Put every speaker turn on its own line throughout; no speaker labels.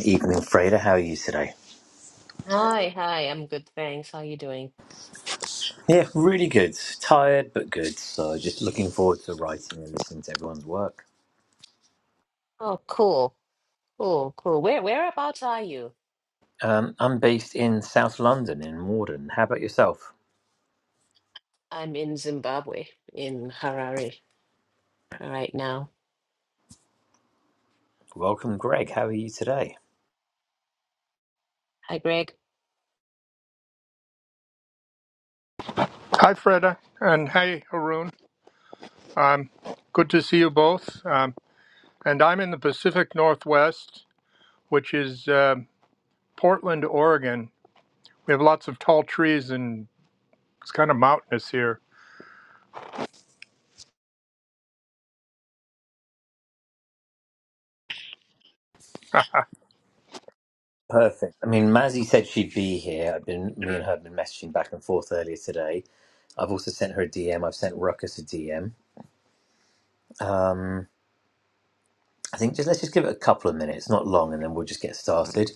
Evening, Freda. How are you today?
Hi, hi. I'm good, thanks. How you doing?
Yeah, really good. Tired, but good. So, just looking forward to writing and listening to everyone's work.
Oh, cool. Cool, cool. Where whereabouts are you?
Um, I'm based in South London, in Morden. How about yourself?
I'm in Zimbabwe, in Harare right now.
Welcome, Greg. How are you today?
Hi, Greg.
Hi, Freda, and hey, Haroon. Um, good to see you both. Um, and I'm in the Pacific Northwest, which is um Portland, Oregon. We have lots of tall trees and it's kind of mountainous here.
Perfect. I mean, Mazzy said she'd be here. I've been, me and her have been messaging back and forth earlier today. I've also sent her a DM. I've sent Ruckus a DM. I think just let's just give it a couple of minutes, not long, and then we'll just get started,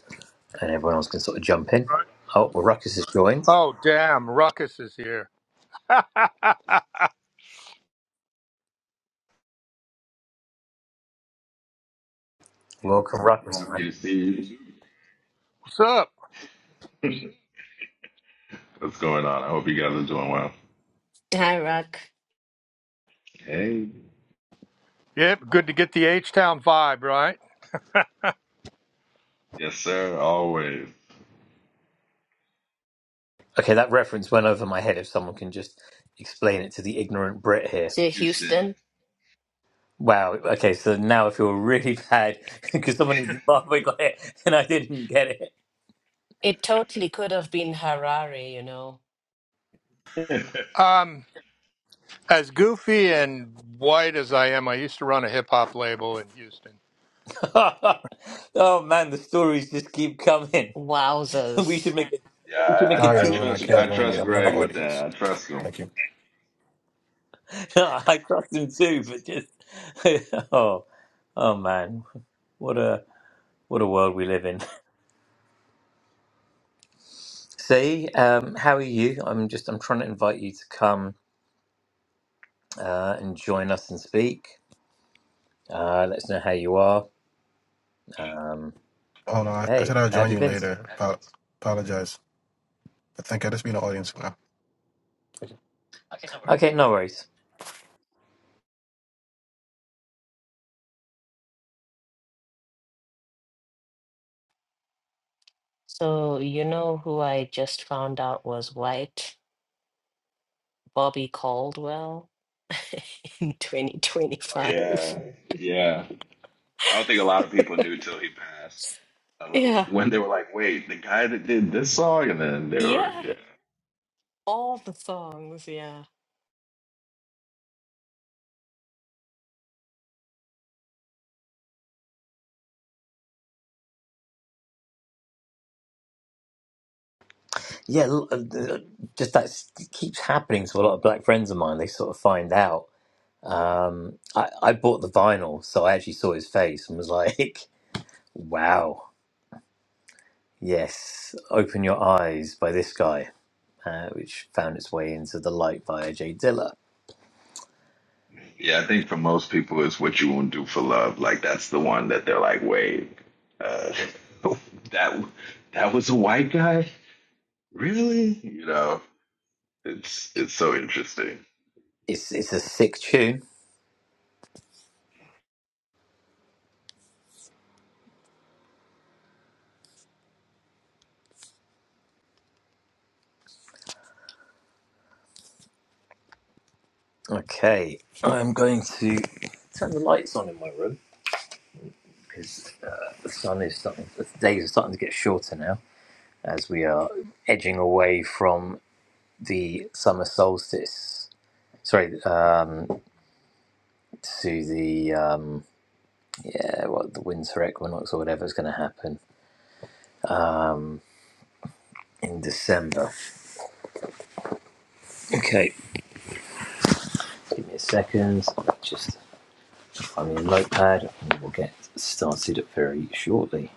and everyone else can sort of jump in.
Right.
Oh, well, Ruckus has joined.
Oh, damn, Ruckus is here.
Welcome, Ruckus.
Happy to see you.
What's up?
too. What's going on? I hope you guys are doing well.
Hi, Rock.
Hey.
Yep, good to get the H Town vibe, right?
Yes, sir. Always.
Okay, that reference went over my head. If someone can just explain it to the ignorant Brit here.
Say
Houston.
Houston.
Wow. Okay, so now I feel really bad because someone in Zimbabwe got it and I didn't get it.
It totally could have been Harare, you know.
yeah,
Um, as goofy and white as I am, I used to run a hip hop label in Houston.
oh man, the stories just keep coming. We should
Wowzers.
make a
I,
we should make a
I,
Sorry,
I
TV
everyone, I
trust
show
can't
I
about
join you.
trust
this
I'm in the
Greg
guy.
with that.
audience.
I trust him.
Thank you.
No, I trust him too, but just oh oh man, what a what a world we live in. See, um, how are you? I'm just I'm trying to invite you to come uh, and join us and speak. Uh, let us know how you are. Um,
Hold on, I, I said
hey,
I'll
how
join
have you
you
been?
later. Apo- apologize. I think I'll just be in the audience. now.
Okay, no worries.
So, you know who I just found out was white? Bobby Caldwell in
Oh
2025.
yeah, yeah. I don't think a lot of people knew till he passed. I lo-
Yeah.
When they were like, "Wait, the guy that did this song," and then they were,
Yeah.
yeah,
All the songs, yeah.
Yeah, l- uh, uh, just that s- keeps happening to a lot of black friends of mine. They sort of find out. Um, I, I bought the vinyl, so I actually saw his face and was like, wow, yes, open your eyes by this guy, uh, which found its way into The Light by Jay Dilla.
yeah. I think for most people, it's what you won't do for love. Like that's the one that they're like, "Wait, uh, that that was a white guy." Really? You know, it's it's so interesting.
It's, it's a sick tune. Okay, I'm going to turn the lights on in my room. because uh, the sun is starting, the days are starting to get shorter now as we are edging away from the summer solstice. Sorry, uh, to the um, yeah, what the winter equinox or whatever is going to happen in December. Okay, give me a second. Just find me a notepad, and we'll get started very shortly.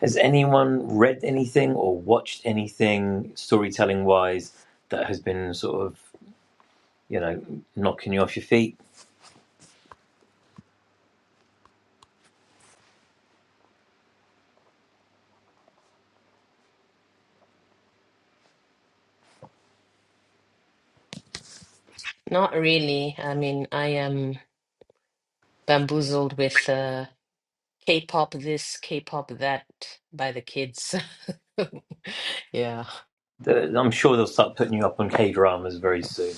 Has anyone read anything or watched anything storytelling wise that has been sort of you know knocking you off your feet?
Not really. I mean, I am bamboozled with uh, K-pop this, K-pop that by the kids. Yeah.
I'm sure they'll start putting you up on K dramas very soon.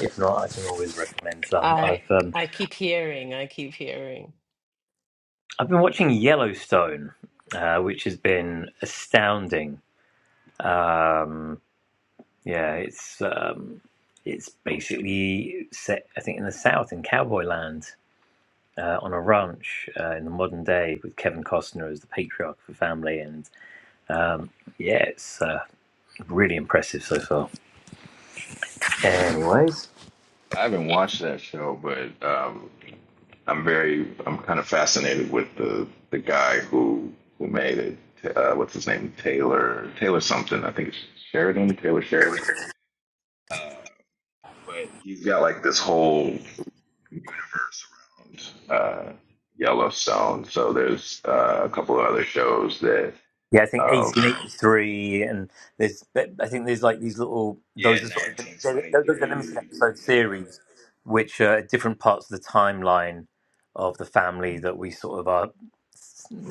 If not, I can always recommend some.
I
I've um,
I keep hearing, I keep hearing.
I've been watching Yellowstone, uh, which has been astounding. Um, yeah, it's um, it's basically set, I think, in the South in cowboy land uh, on a ranch uh, in the modern day with Kevin Costner as the patriarch of the family, and yeah, it's uh, really impressive so far. Anyways.
I haven't watched that show, but um, I'm very I'm kind of fascinated with the the guy who who made it. Uh, what's his name? Taylor Taylor something. I think it's Sheridan. Taylor Sheridan. Uh, but he's got like this whole universe around uh, Yellowstone. So there's uh, a couple of other shows that.
Yeah, I think
Um,
1883, and there's, but I think there's like these little,
yeah,
those are sort of, they're, they're- those are limited
1923.
episode series,
Yeah.
which are at different parts of the timeline of the family that we sort of are,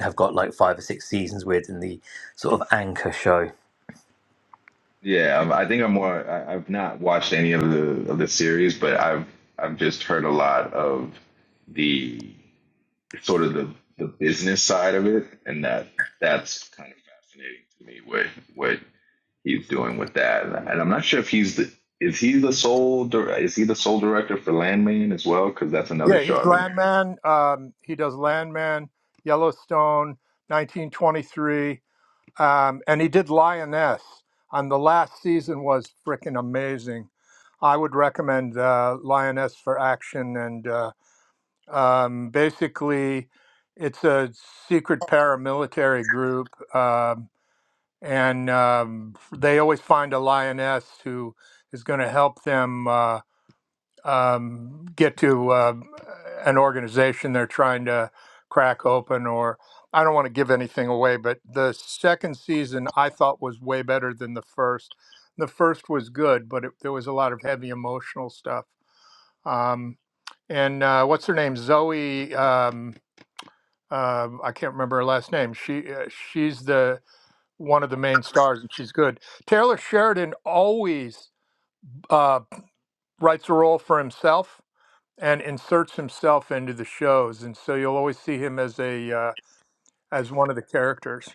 have got like five or six seasons with in the sort of anchor show.
Yeah, I'm- I think I'm more. I, I've not watched any of the of the series, but I've I've just heard a lot of the sort of the the business side of it, and that that's kind of fascinating to me. What what he's doing with that, and I'm not sure if he's the is he the sole dir- is he the sole director for Landman as well? Because that's another
Yeah,
show
he's
I've been
Landman. Um, he does Landman, Yellowstone, 1923. um, and he did Lioness. And the last season was freaking amazing. I would recommend uh, Lioness for action, and uh, um, basically, it's a secret paramilitary group, um, and um, they always find a lioness who is going to help them. Uh, um, get to uh, an organization they're trying to crack open or i don't want to give anything away but the second season i thought was way better than the first the first was good but it, there was a lot of heavy emotional stuff um, and uh, what's her name zoe um, uh, i can't remember her last name she uh, she's the one of the main stars and she's good taylor sheridan always uh, writes a role for himself and inserts himself into the shows, and so you'll always see him as a uh, as one of the characters.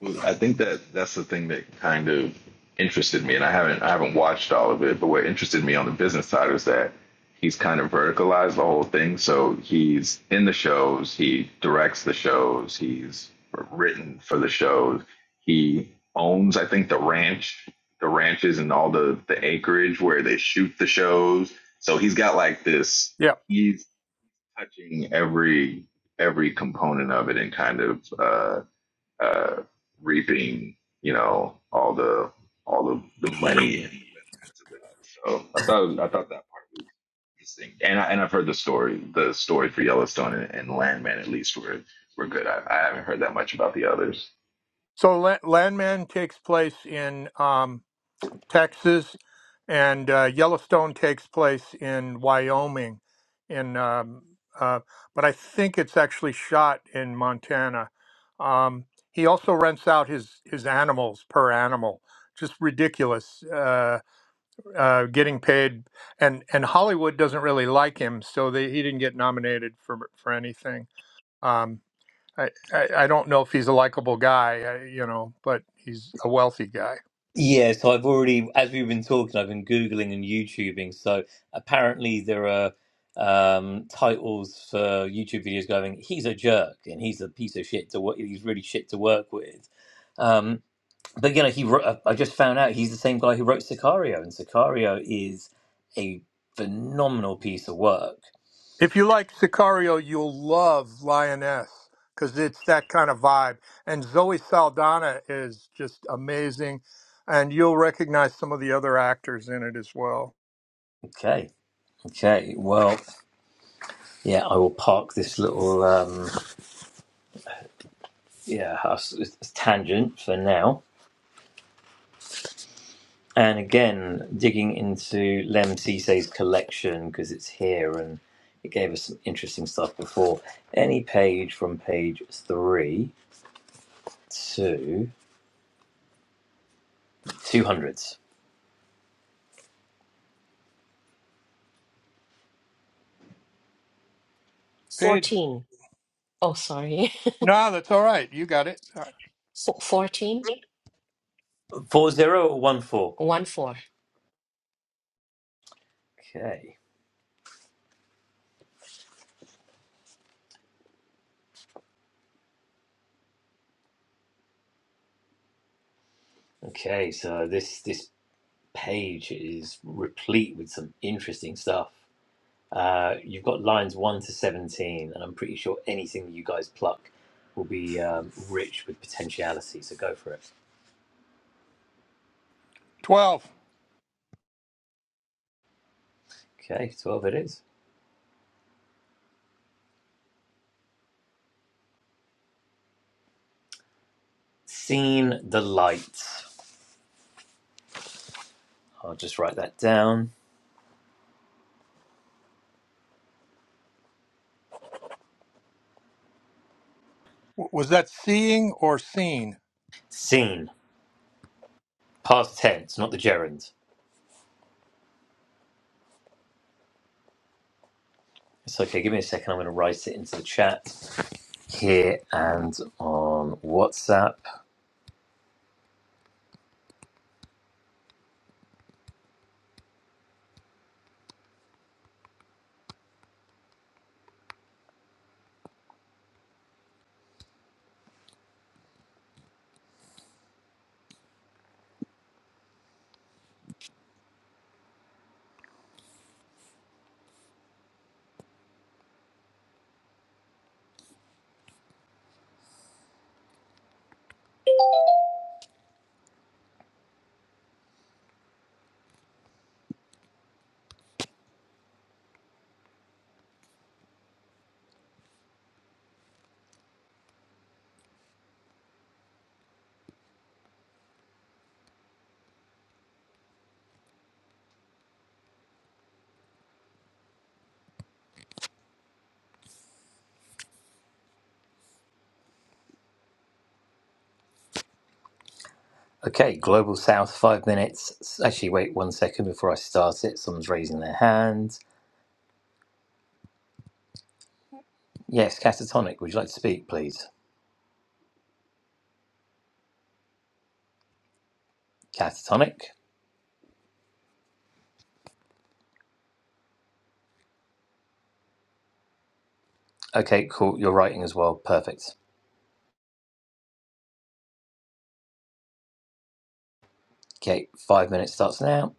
Well, I think that that's the thing that kind of interested me, and I haven't I haven't watched all of it, but what interested me on the business side was that he's kind of verticalized the whole thing. So he's in the shows, he directs the shows, he's written for the shows, he owns I think the ranch, the ranches and all the the acreage where they shoot the shows. So he's got like this.
Yeah.
He's touching every every component of it and kind of. uh, uh, reaping, you know, all the all of the money and the benefits of that. So I thought it was, I thought that part was interesting, and I, and I've heard the story, the story for Yellowstone and, and Landman at least were were good. I, I haven't heard that much about the others.
So La- Landman takes place in um, Texas, and uh, Yellowstone takes place in Wyoming. In um, uh, but I think it's actually shot in Montana. Um, he also rents out his his animals per animal, just ridiculous. Uh, uh, getting paid, and and Hollywood doesn't really like him, so they, he didn't get nominated for for anything. Um, I, I I don't know if he's a likable guy, uh, you know, but he's a wealthy guy.
Yeah, so I've already, as we've been talking, I've been Googling and YouTubing. So apparently there are um, titles for YouTube videos going, he's a jerk and he's a piece of shit to work, he's really shit to work with. Um, but you know, he wrote, I just found out he's the same guy who wrote Sicario, and Sicario is a phenomenal piece of work.
If you like Sicario, you'll love Lioness because it's that kind of vibe. And Zoe Saldana is just amazing, and you'll recognize some of the other actors in it as well.
Okay, okay, well, yeah, I will park this little um, yeah house- tangent for now. And again, digging into Lem Cisse's collection because it's here and it gave us some interesting stuff before. Any page from page three to two hundreds,
Paige,
14. Oh, sorry.
no, that's all right. You got it. Uh,
Fo- 14?
four zero or one four.
One four.
Okay. Okay, so this this page is replete with some interesting stuff. Uh, you've got lines one to seventeen, and I'm pretty sure anything that you guys pluck will be um, rich with potentiality. So go for it.
Twelve
Okay, twelve it is. Seen the light. I'll just write that down.
W- was that seeing or seen?
Seen past tense, not the gerund. It's okay. Give me a second. I'm going to write it into the chat here and on WhatsApp. Okay, Global South, five minutes. Actually, wait one second before I start it. Someone's raising their hand. Yes, Catatonic, would you like to speak, please? Catatonic? Okay, cool. You're writing as well. Perfect. Okay, five minutes starts now.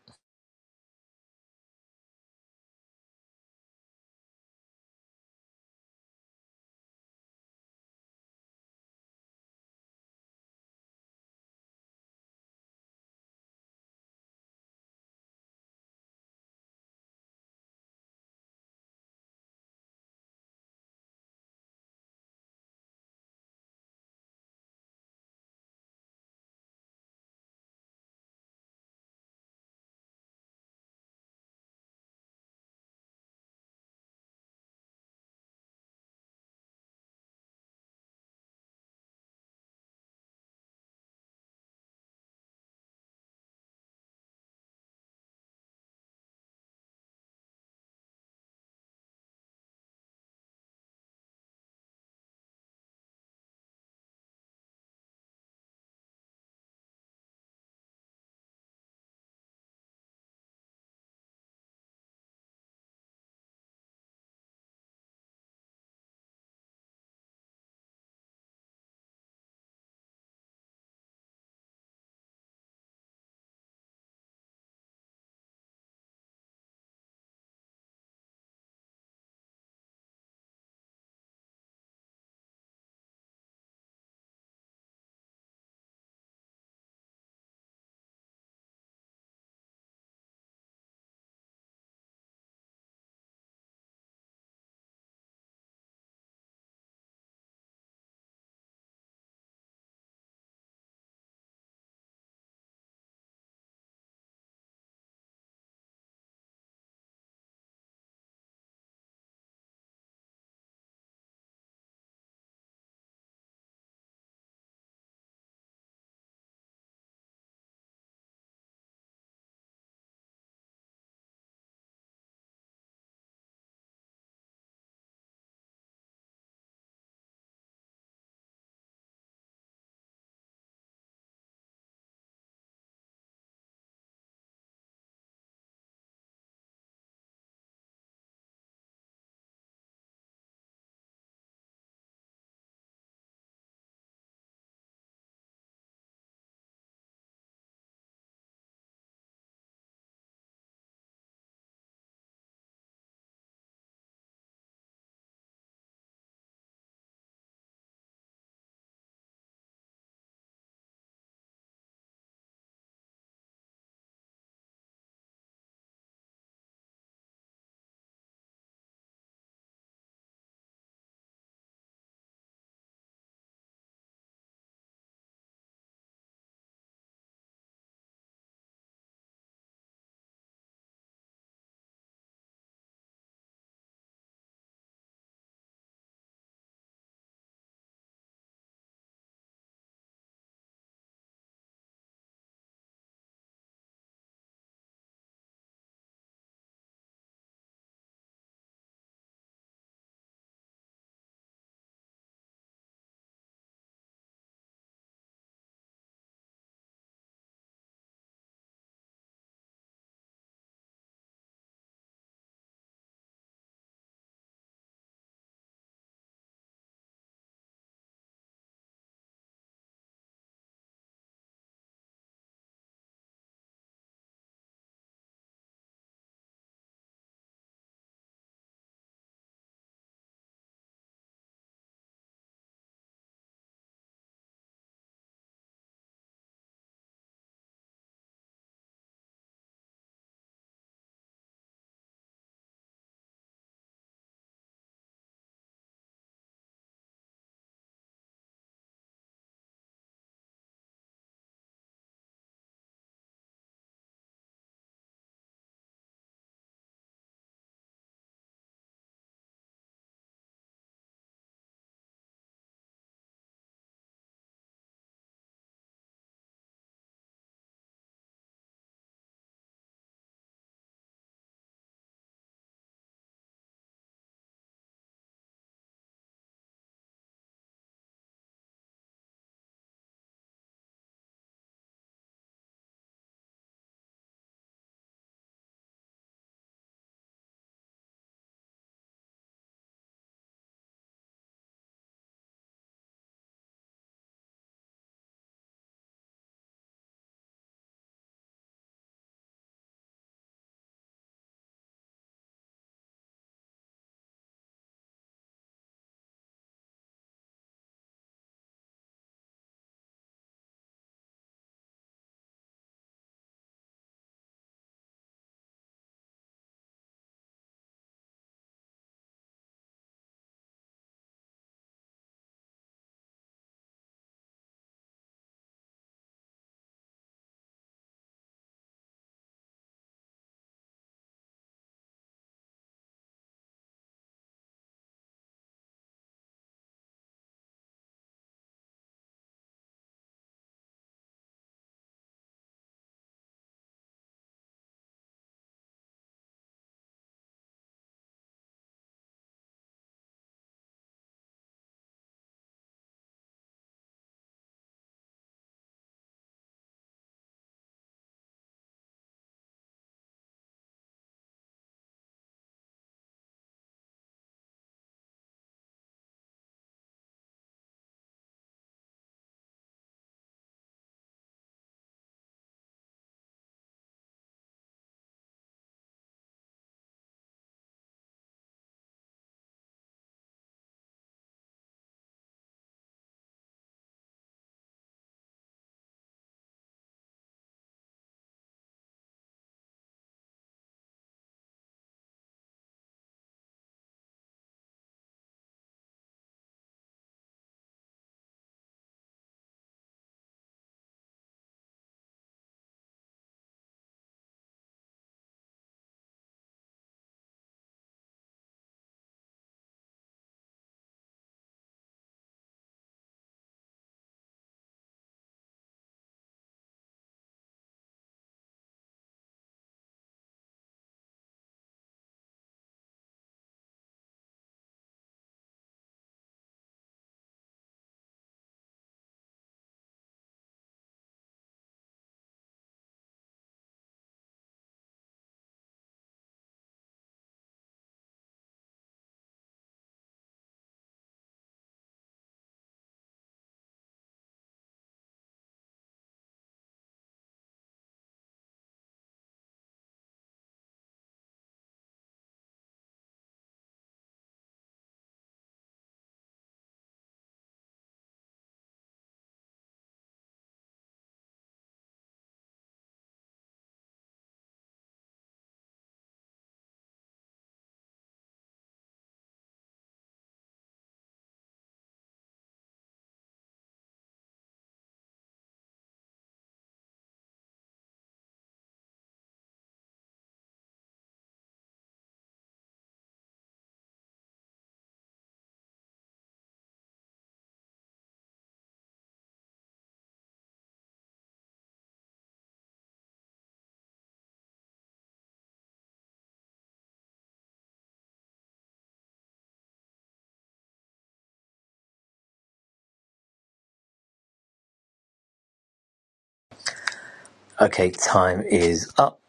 Okay, time is up.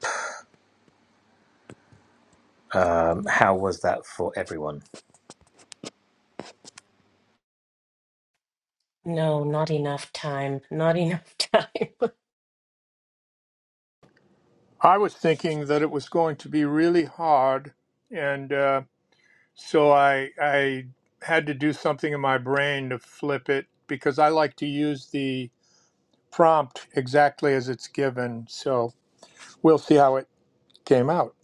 Um, how was that for everyone?
No, not enough time. Not enough time.
I was thinking that it was going to be really hard, and uh, so I I had to do something in my brain to flip it because I like to use the prompt exactly as it's given. So we'll see how it came out.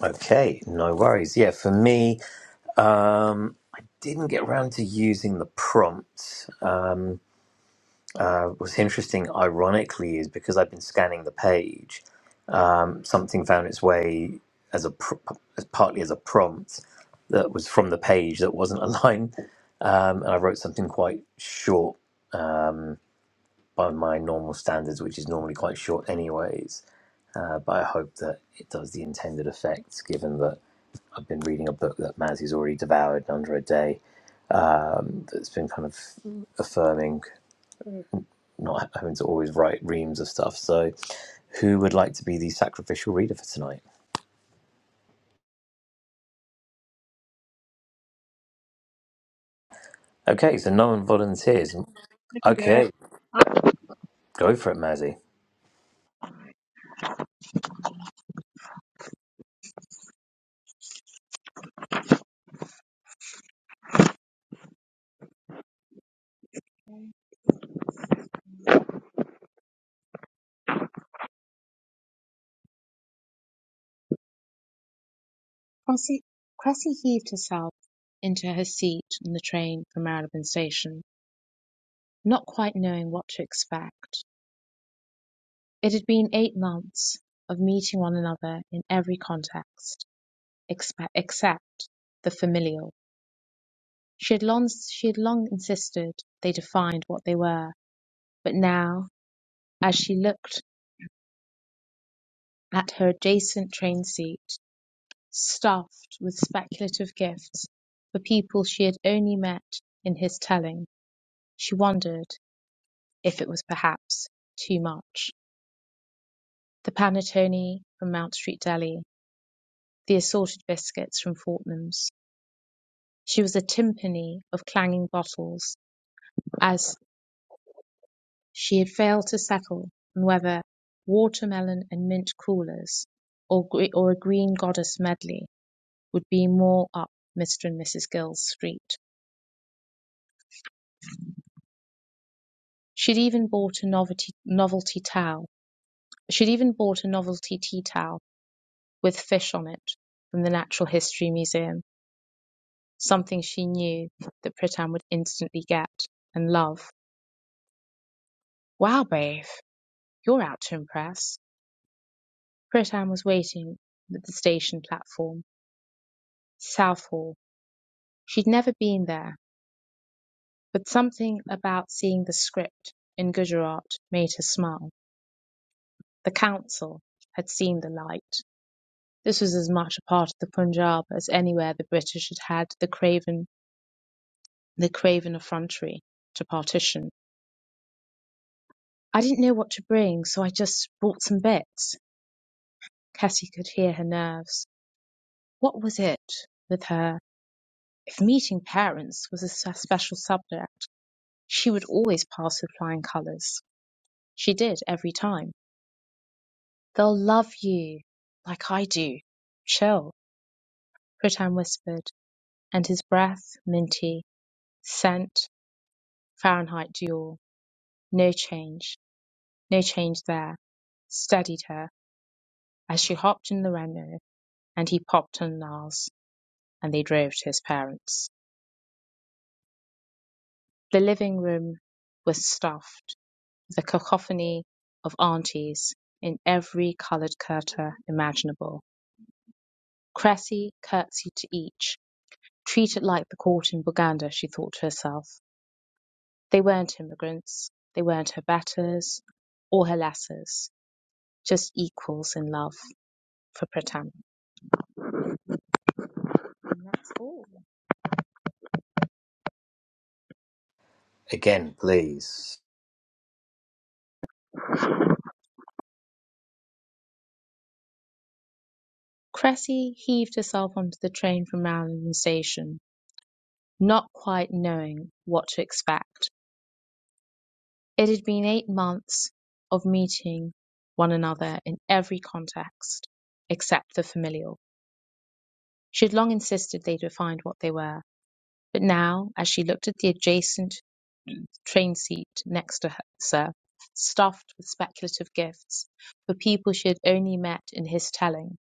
Okay, no worries. Yeah, for me, um, I didn't get around to using the prompt. Um, uh, what's interesting, ironically, is because I've been scanning the page. something found its way as a pr- as partly as a prompt that was from the page that wasn't a line, um, and I wrote something quite short by my normal standards, which is normally quite short anyways. Uh, but I hope that it does the intended effect, given that I've been reading a book that Mazzy's already devoured in under a day. That's been kind of affirming, not having to always write reams of stuff. So, who would like to be the sacrificial reader for tonight? Okay, so no one volunteers.
I can do it.
Okay, Go for it, Mazzy.
Cressy, Cressy heaved herself into her seat on the train for Marylebone Station, not quite knowing what to expect. It had been eight months of meeting one another in every context expe- except the familial. She had long she had long insisted they defined what they were, but now, as she looked at her adjacent train seat, stuffed with speculative gifts for people she had only met in his telling, She wondered if it was perhaps too much. The panettone from Mount Street Deli, the assorted biscuits from Fortnum's. She was a timpani of clanging bottles, as she had failed to settle on whether watermelon and mint coolers or, or a green goddess medley would be more up Mr. and Mrs. Gill's street. She'd even bought a novelty, novelty towel. She'd even bought a novelty tea towel with fish on it from the Natural History Museum, something she knew that Pritam would instantly get and love. Wow, Brave, you're out to impress. Pritam was waiting at the station platform, Southall. She'd never been there, but something about seeing the script in Gujarat made her smile. The council had seen the light. This was as much a part of the Punjab as anywhere the British had had the craven, the craven effrontery to partition. I didn't know what to bring, so I just bought some bits. Cassie could hear her nerves. What was it with her? If meeting parents was a special subject, she would always pass with flying colours. She did every time. They'll love you, like I do. Chill, Pritam whispered, and his breath, minty, scent, Fahrenheit dual. No change, no change there. Steadied her as she hopped in the Renault and he popped on Nars. and they drove to his parents. The living room was stuffed with a cacophony of aunties in every coloured kurta imaginable. Cressy curtsied to each, treated like the court in Buganda, she thought to herself. They weren't immigrants, they weren't her betters or her lessers, just equals in love for Pratama. And that's all.
Again, please.
Cressy heaved herself onto the train from Malvern Station, not quite knowing what to expect. It had been eight months of meeting one another in every context except the familial. She had long insisted they defined what they were, but now, as she looked at the adjacent train seat next to her, stuffed with speculative gifts for people she had only met in his telling,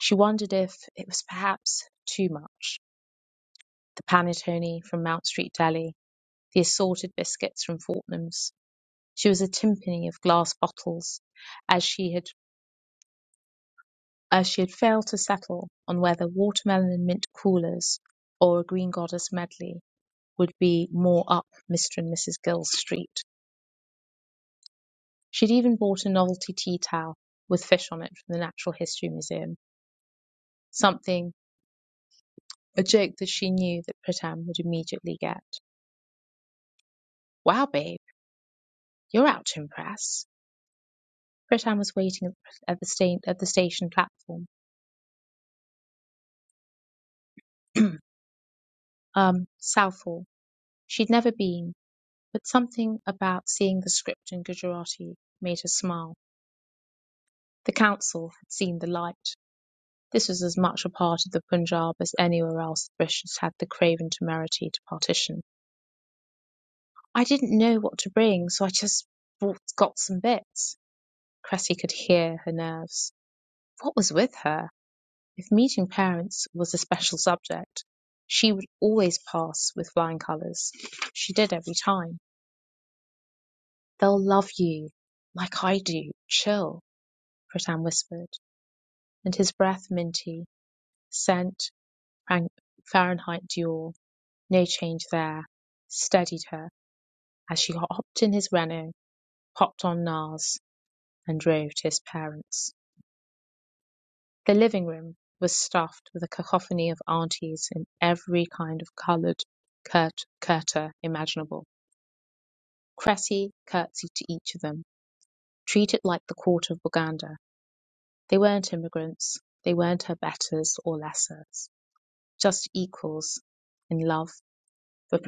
she wondered if it was perhaps too much. The panettone from Mount Street Deli, the assorted biscuits from Fortnum's. She was a timpani of glass bottles, as she had as she had failed to settle on whether watermelon and mint coolers or a green goddess medley would be more up Mr. and Mrs. Gill's street. She'd even bought a novelty tea towel with fish on it from the Natural History Museum, something, a joke that she knew that Pritam would immediately get. Wow, babe, you're out to impress. Pritam was waiting at the, sta- at the station platform, um, Southall. She'd never been, but something about seeing the script in Gujarati made her smile The council had seen the light. This was as much a part of the Punjab as anywhere else the British had the craven temerity to partition. "I didn't know what to bring, so I just brought got some bits." Cressy could hear her nerves. What was with her? If meeting parents was a special subject, she would always pass with flying colours. She did every time. "They'll love you, like I do. Chill," Pritam whispered, and his breath minty, scent Frank Fahrenheit duel, no change there, steadied her as she hopped in his Renault, popped on Nars, and drove to his parents'. The living room was stuffed with a cacophony of aunties in every kind of coloured kurta imaginable. Cressy curtsied to each of them, treated like the court of Boganda. They weren't immigrants, they weren't her betters or lessers, just equals in love for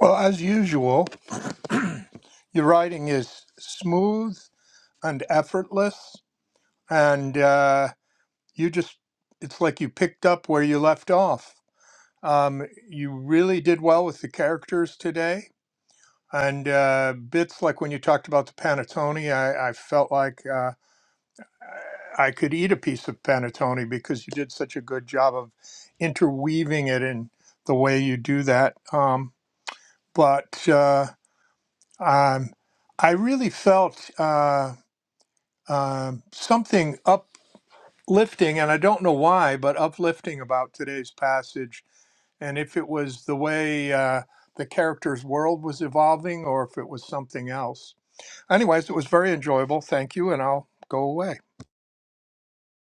Well, as usual, your writing is smooth and effortless, and uh, you just it's like you picked up where you left off. Um, you really did well with the characters today And uh, bits like when you talked about the panettone, I, I felt like uh, I could eat a piece of panettone because you did such a good job of interweaving it in the way you do that. Um, but uh, um, I really felt uh, um something uplifting, and I don't know why, but uplifting about today's passage. And if it was the way uh, the character's world was evolving or if it was something else Anyways, it was very enjoyable. Thank you, and I'll go away.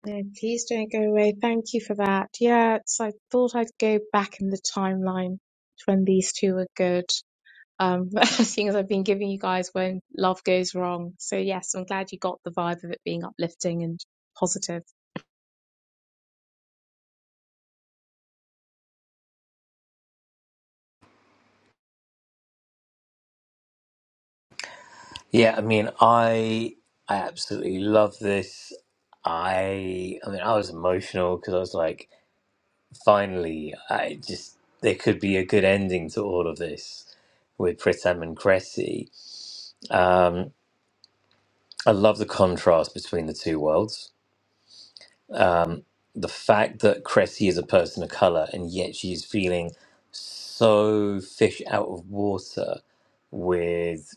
No, please don't go away. Thank you for that. Yeah, it's I thought I'd go back in the timeline to when these two were good. Um, seeing as I've been giving you guys when love goes wrong. So yes, I'm glad you got the vibe of it being uplifting and positive.
Yeah, I mean, I I absolutely love this. I I mean, I was emotional because I was like, finally, I just there could be a good ending to all of this with Pritham and Cressy. Um, I love the contrast between the two worlds. The fact that Cressy is a person of color and yet she is feeling so fish out of water with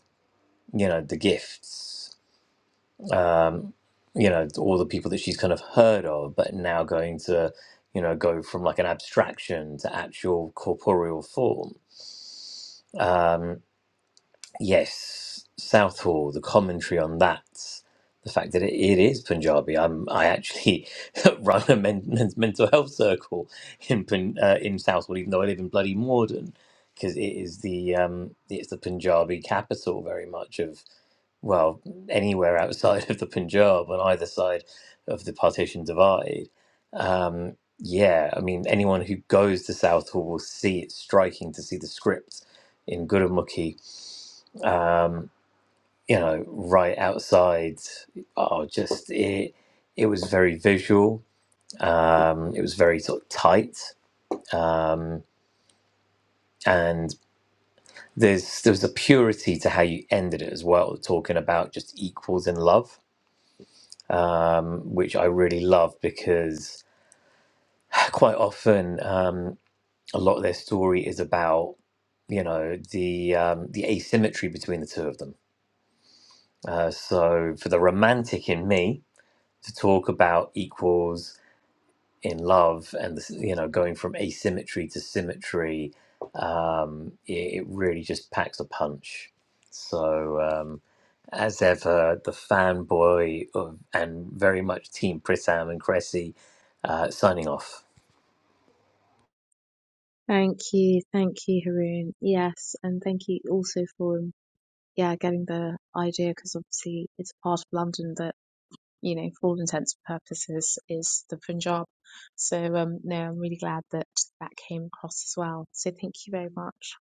you know the gifts um, you know all the people that she's kind of heard of but now going to you know go from like an abstraction to actual corporeal form um, yes southall the commentary on that the fact that it, it is punjabi i'm i actually run a men, men's mental health circle in Pun- uh, in southall even though i live in bloody morden because it is the um, it's the punjabi capital very much of well, anywhere outside of the Punjab on either side of the partition divide. Um, yeah, I mean, anyone who goes to Southall will see it striking to see the script in Gurumukhi, um, you know, right outside. Oh, just it, it was very visual. Um, it was very sort of tight. Um, and there's there was a purity to how you ended it as well, talking about just equals in love um, which I really love because quite often um, a lot of their story is about you know the um, the asymmetry between the two of them. Uh, so for the romantic in me to talk about equals in love and this, you know going from asymmetry to symmetry, um, it, it really just packs a punch. So. Um, As ever, the fanboy of, and very much Team Pritham and Cressy uh, signing off.
Thank you, thank you, Haroon. Yes, and thank you also for yeah getting the idea because obviously it's a part of London that. you know, for all intents and purposes, is the Punjab. So, um, no, I'm really glad that that came across as well. So, thank you very much.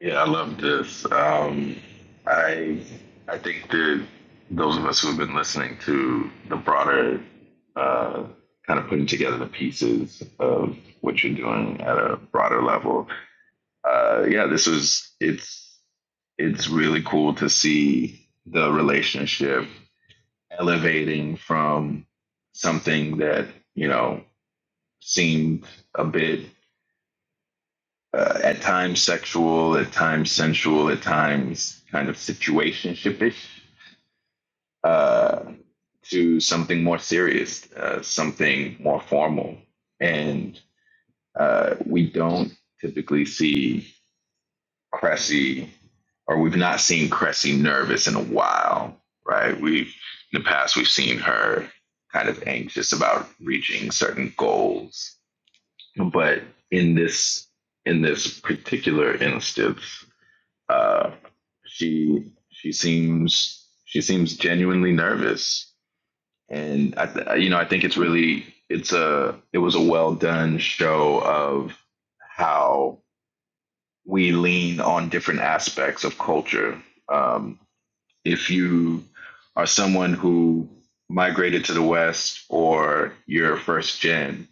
Yeah, I love this. Um, I I think that those of us who have been listening to the broader uh, kind of putting together the pieces of what you're doing at a broader level uh, yeah, this is it's it's really cool to see the relationship elevating from something that you know seemed a bit uh, at times sexual, at times sensual, at times kind of situationshipish, uh, to something more serious, uh, something more formal, and uh, we don't typically see Cressy, or we've not seen Cressy nervous in a while, right? We've in the past we've seen her kind of anxious about reaching certain goals, but in this in this particular instance, uh, she she seems she seems genuinely nervous, and I th- you know I think it's really it's a it was a well done show of how we lean on different aspects of culture. Um, if you are someone who migrated to the West or you're first gen,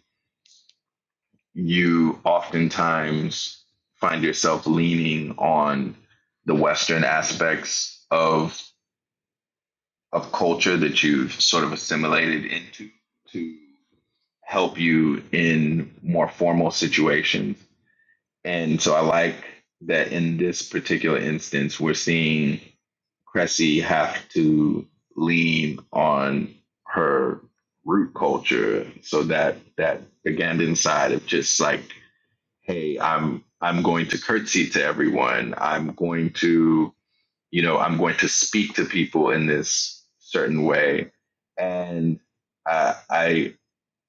you oftentimes find yourself leaning on the Western aspects of of culture that you've sort of assimilated into to help you in more formal situations. And so I like that in this particular instance, we're seeing Cressy have to lean on her root culture so that that Ugandan side of just like, hey, I'm I'm going to curtsy to everyone. I'm going to, you know, I'm going to speak to people in this certain way, and I I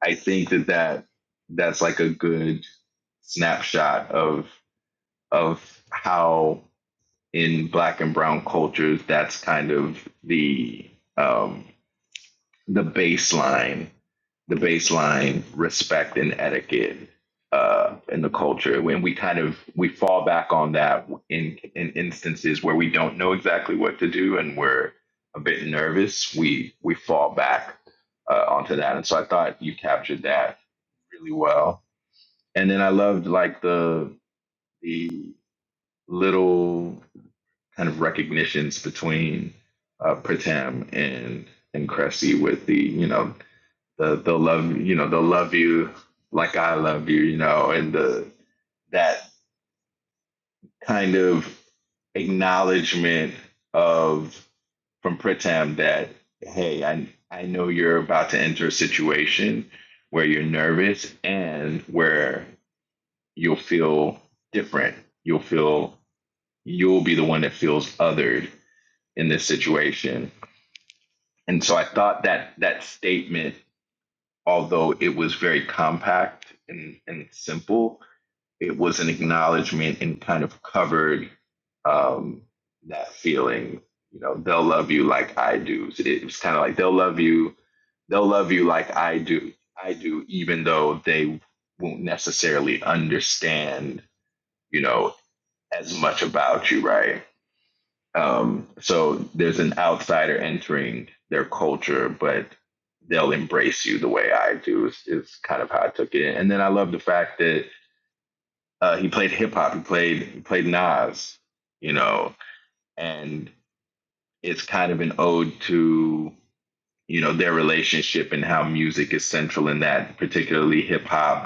I think that that that's like a good snapshot of of how in black and brown cultures, that's kind of the um, the baseline, the baseline respect and etiquette uh, in the culture. When we kind of we fall back on that in in instances where we don't know exactly what to do and we're a bit nervous, we we fall back uh, onto that. And so I thought you captured that really well. And then I loved like the the little kind of recognitions between uh, Pratam and and Cressy with the you know the the love you know the love you like I love you you know and the that kind of acknowledgement of from Pritam that hey I I know you're about to enter a situation where you're nervous and where you'll feel different you'll feel you'll be the one that feels othered in this situation And so I thought that that statement, although it was very compact and, and simple, it was an acknowledgement and kind of covered um, that feeling. You know, they'll love you like I do. So It was kind of like they'll love you, they'll love you like I do, I do, even though they won't necessarily understand, you know, as much about you, right? Um, so there's an outsider entering their culture, but they'll embrace you the way I do. Is, is kind of how I took it. And then I love the fact that uh, he played hip hop. He played he played Nas, you know, and it's kind of an ode to you know their relationship and how music is central in that, particularly hip hop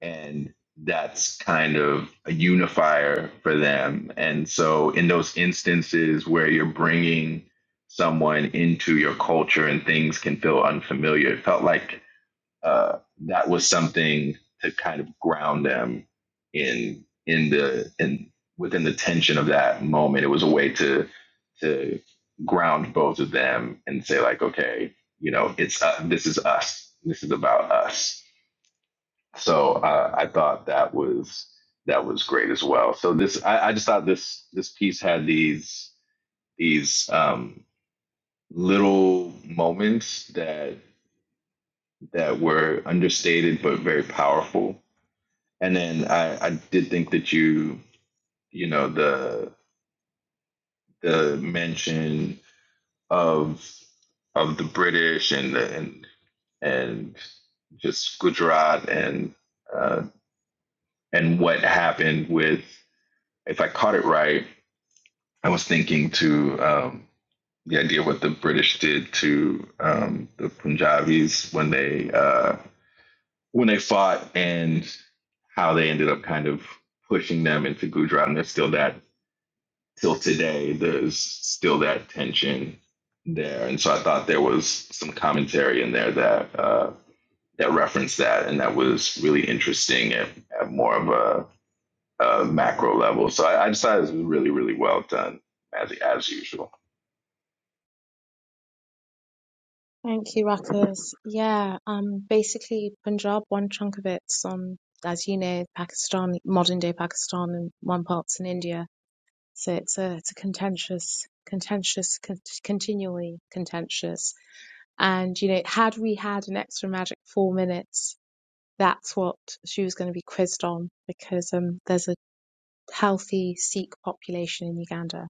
and that's kind of a unifier for them. And so, in those instances where you're bringing someone into your culture and things can feel unfamiliar, it felt like uh, that was something to kind of ground them in in the in within the tension of that moment. It was a way to to ground both of them and say like, okay, you know, it's uh, this is us. This is about us so uh, I thought that was that was great as well. So this I, I just thought this this piece had these these um, little moments that that were understated but very powerful. And then I, I did think that you you know the the mention of of the British and the, and and just Gujarat and uh, and what happened with if I caught it right I was thinking to um, the idea of what the British did to um, the Punjabis when they uh, when they fought and how they ended up kind of pushing them into Gujarat, and there's still that till today. There's still that tension there, and so I thought there was some commentary in there that uh, that referenced that, and that was really interesting at, at more of a, a macro level. So I, I decided it was really really well done as as usual.
Thank you, Ruckus. Yeah, um, basically, Punjab, one chunk of it's on, as you know, Pakistan, modern day Pakistan, and one part's in India. So it's a it's a contentious, contentious, con- continually contentious. And you know, had we had an extra magic four minutes, that's what she was going to be quizzed on because um, there's a healthy Sikh population in Uganda.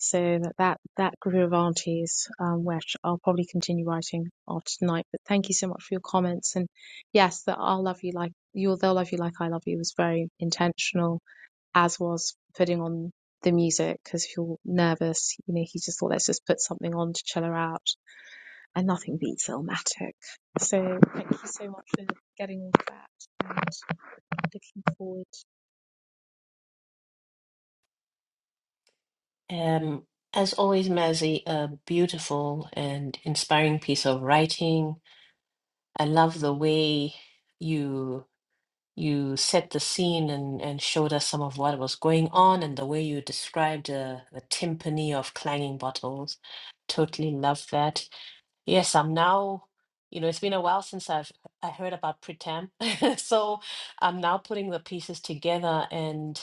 So that that, that group of aunties, um, which I'll probably continue writing after tonight. But thank you so much for your comments. And yes, that I'll love you like you'll they'll love you like I love you was very intentional, as was putting on the music because if you're nervous, you know, he just thought let's just put something on to chill her out, and nothing beats Illmatic. So thank you so much for getting all of that, and looking forward.
Um, as always, Mazzy, a beautiful and inspiring piece of writing. I love the way you. you set the scene and, and showed us some of what was going on and the way you described uh, the timpani of clanging bottles. Totally love that. Yes, I'm now, you know, it's been a while since I've I heard about Pritam. So I'm now putting the pieces together and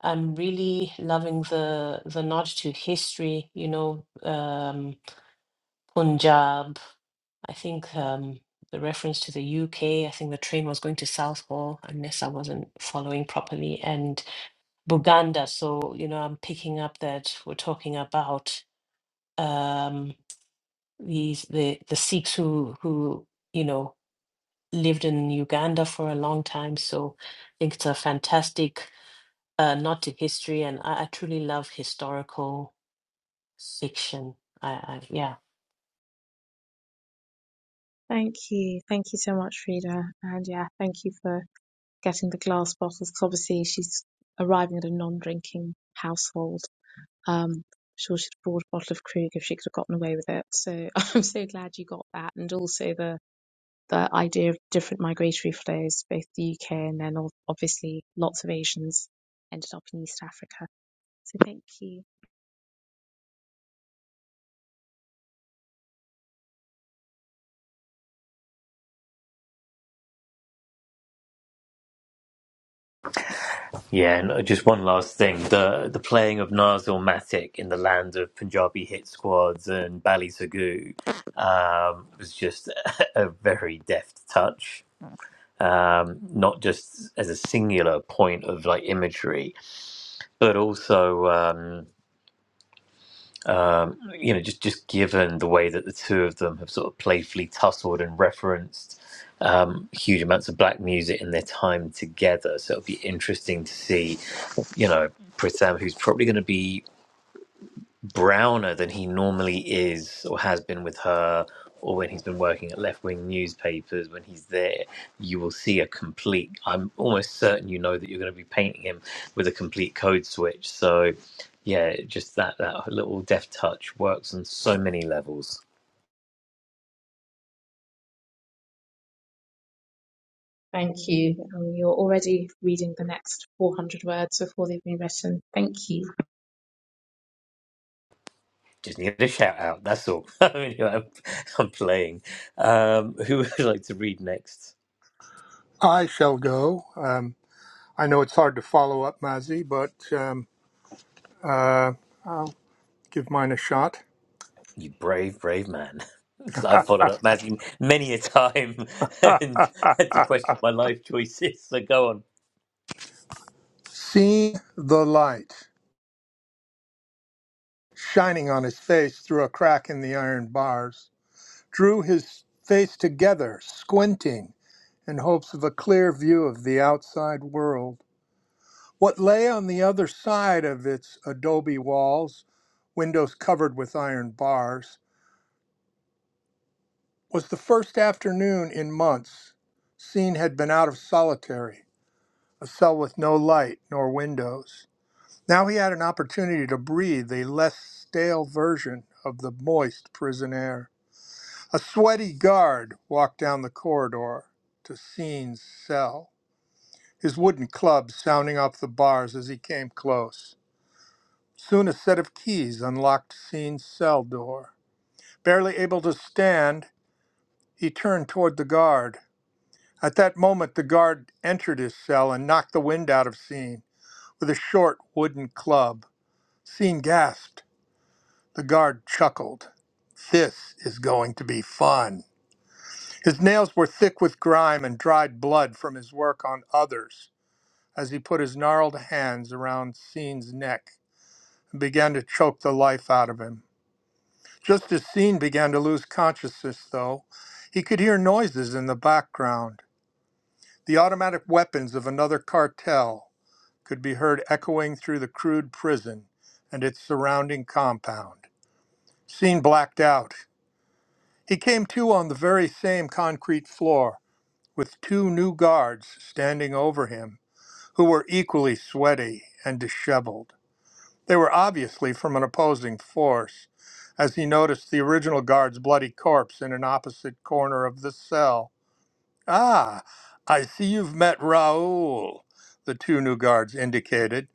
I'm really loving the the nod to history, you know, um, Punjab I think um, the reference to the UK, I think the train was going to Southall, unless I wasn't following properly, and Buganda. So, you know, I'm picking up that we're talking about um, these the the Sikhs who who you know lived in Uganda for a long time. So, I think it's a fantastic uh, nod to history, and I, I truly love historical fiction. I, I yeah.
Thank you. Thank you so much, Frida. And yeah, thank you for getting the glass bottles 'cause obviously she's arriving at a non drinking household. Um, sure she'd have brought a bottle of Krug if she could have gotten away with it. So I'm so glad you got that. And also the, the idea of different migratory flows, both the UK and then ob- obviously lots of Asians ended up in East Africa. So thank you.
Yeah, and just one last thing: the the playing of Nazil Matic in the land of Punjabi hit squads and Bally Sagoo um, was just a very deft touch. Um, not just as a singular point of like imagery, but also. Um, um, you know, just just given the way that the two of them have sort of playfully tussled and referenced um, huge amounts of black music in their time together. So it'll be interesting to see, you know, Pritham, who's probably going to be browner than he normally is or has been with her or when he's been working at left-wing newspapers when he's there you will see a complete i'm almost certain you know that you're going to be painting him with a complete code switch so yeah just that that little deft touch works on so many levels
Thank you. Um, you're already reading the next 400 words before they've been written. Thank you.
just need a shout out that's all i mean i'm, I'm playing um who would like to read next
I shall go. Um, I know it's hard to follow up, Mazzy, but um, uh, I'll give mine a shot.
You brave, brave man. Because I've followed up Matthew many a time and had to question my life choices. So go on.
Seeing the light shining on his face through a crack in the iron bars, drew his face together, squinting in hopes of a clear view of the outside world. What lay on the other side of its adobe walls, windows covered with iron bars, was the first afternoon in months Scene had been out of solitary, a cell with no light nor windows. Now he had an opportunity to breathe a less stale version of the moist prison air. A sweaty guard walked down the corridor to Scene's cell, his wooden club sounding off the bars as he came close. Soon a set of keys unlocked Scene's cell door. Barely able to stand, he turned toward the guard. At that moment, the guard entered his cell and knocked the wind out of Sean with a short wooden club. Sean gasped. The guard chuckled. This is going to be fun. His nails were thick with grime and dried blood from his work on others as he put his gnarled hands around Sean's neck and began to choke the life out of him. Just as Sean began to lose consciousness, though, he could hear noises in the background the automatic weapons of another cartel could be heard echoing through the crude prison and its surrounding compound. Seen blacked out, he came to on the very same concrete floor with two new guards standing over him who were equally sweaty and disheveled. They were obviously from an opposing force, as he noticed the original guard's bloody corpse in an opposite corner of the cell Ah, I see you've met Raoul, the two new guards indicated,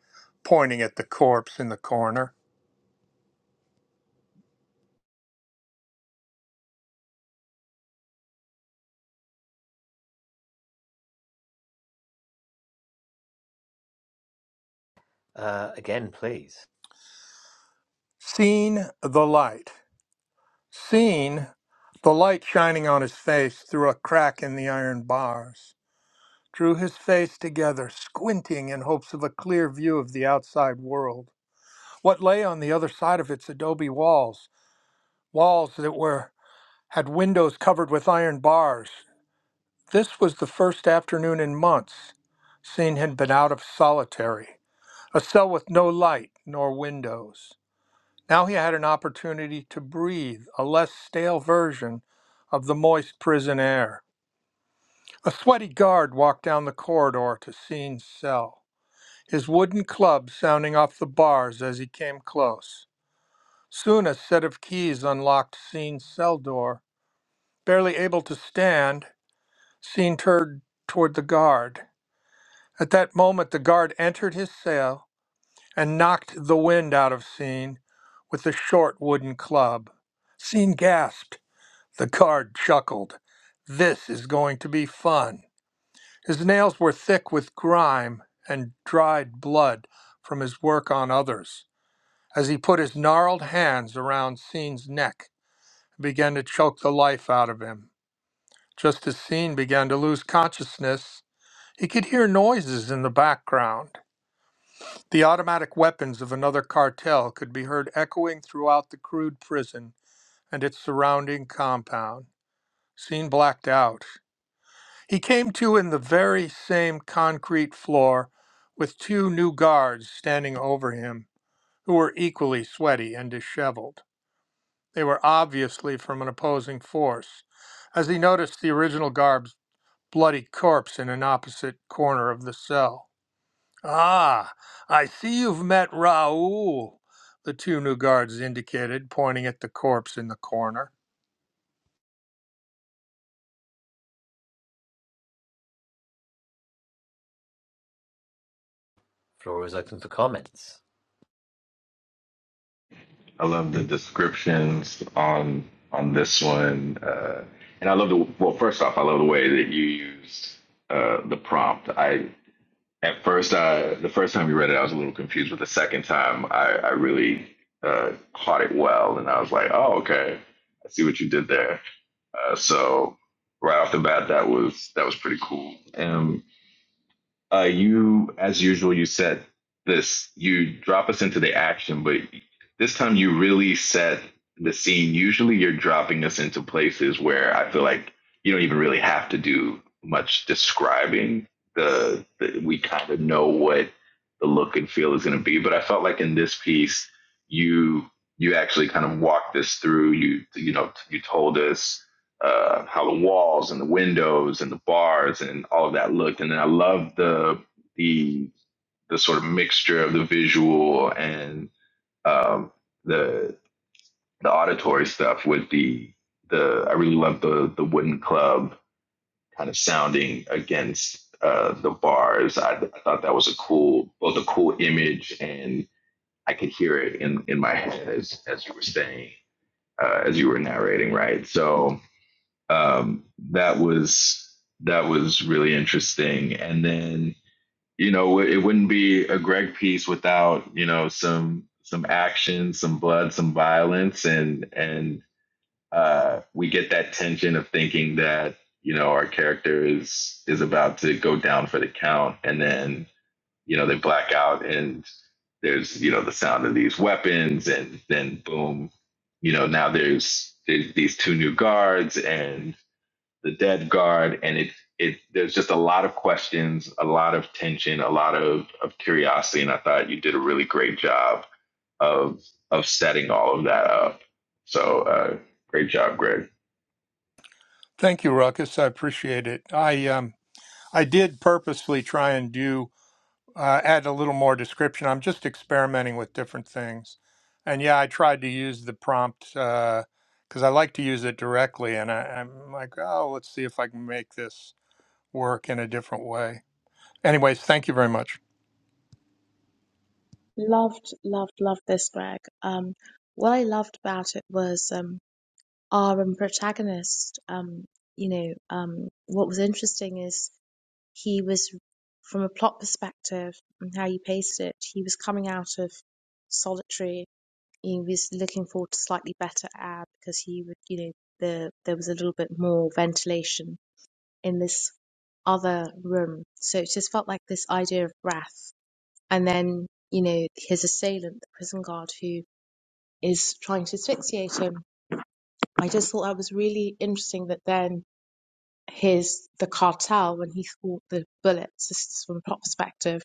pointing at the corpse in the corner.
Uh, again, please.
Seen the light. Seen the light shining on his face through a crack in the iron bars. Drew his face together, squinting in hopes of a clear view of the outside world. What lay on the other side of its adobe walls, walls that were had windows covered with iron bars, This was the first afternoon in months Scene had been out of solitary, a cell with no light nor windows. Now he had an opportunity to breathe a less stale version of the moist prison air. A sweaty guard walked down the corridor to Scene's cell, his wooden club sounding off the bars as he came close. Soon a set of keys unlocked Scene's cell door. Barely able to stand, Scene turned toward the guard. At that moment, the guard entered his cell and knocked the wind out of Scene with a short wooden club. Scene gasped. The guard chuckled. This is going to be fun. His nails were thick with grime and dried blood from his work on others as he put his gnarled hands around Scene's neck and began to choke the life out of him. Just as Scene began to lose consciousness, he could hear noises in the background. The automatic weapons of another cartel could be heard echoing throughout the crude prison and its surrounding compound. Seen blacked out. He came to in the very same concrete floor with two new guards standing over him who were equally sweaty and disheveled. They were obviously from an opposing force, as he noticed the original guard's bloody corpse in an opposite corner of the cell. Ah, I see you've met Raoul, the two new guards indicated, pointing at the corpse in the corner.
Floor is open for comments.
I love the descriptions on on this one, uh, and I love the well. First off, I love the way that you used uh, the prompt. I at first, I, the first time you read it, I was a little confused, but the second time, I, I really uh, caught it well, and I was like, "Oh, okay, I see what you did there." Uh, so right off the bat, that was that was pretty cool. And uh, you, as usual, you set this, you drop us into the action, but this time you really set the scene. Usually you're dropping us into places where I feel like you don't even really have to do much describing. The, the we kind of know what the look and feel is going to be, but I felt like in this piece, you you actually kind of walked us through. You you know you told us uh, how the walls and the windows and the bars and all of that looked. And then I loved the the the sort of mixture of the visual and um, the the auditory stuff with the the I really loved the the wooden club kind of sounding against uh, the bars. I, I thought that was a cool both a cool image and I could hear it in in my head as as you were saying uh, as you were narrating, right? So um, that was that was really interesting. And then you know it wouldn't be a Greg piece without you know some some action, some blood, some violence, and and uh, we get that tension of thinking that you know our character is is about to go down for the count, and then you know they black out and there's you know the sound of these weapons and then boom you know now there's there's these two new guards and the dead guard, and it it. There's just a lot of questions, a lot of tension, a lot of of curiosity, and I thought you did a really great job of of setting all of that up. So uh, great job, Greg.
Thank you, Ruckus. I appreciate it. I um I did purposely try and do uh, add a little more description. I'm just experimenting with different things, and yeah, I tried to use the prompt because I like to use it directly, and I, I'm like, oh, let's see if I can make this work in a different way. Anyways, thank you very much.
Loved, loved, loved this, Greg. Um, what I loved about it was um, our um, protagonist. Um, you know, um, what was interesting is he was, from a plot perspective and how you paced it, he was coming out of solitary. He was looking forward to slightly better air because he would, you know, the there was a little bit more ventilation in this other room. So it just felt like this idea of breath and then, you know, his assailant, the prison guard who is trying to asphyxiate him. I just thought that was really interesting that then his the cartel, when he thought the bullets, this is from a plot perspective,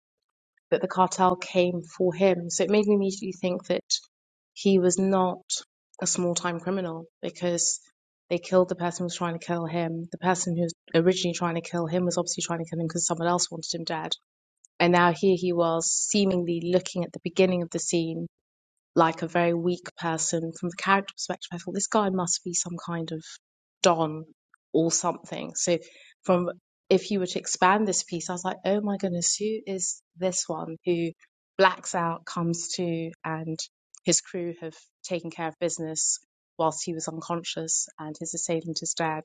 that the cartel came for him. So it made me immediately think that he was not a small time criminal because they killed the person who was trying to kill him. The person who was originally trying to kill him was obviously trying to kill him because someone else wanted him dead. And now here he was, seemingly looking at the beginning of the scene like a very weak person from the character perspective. I thought this guy must be some kind of don or something. So from if you were to expand this piece, I was like, oh my goodness, who is this one who blacks out, comes to, and his crew have taken care of business whilst he was unconscious, and his assailant is dead.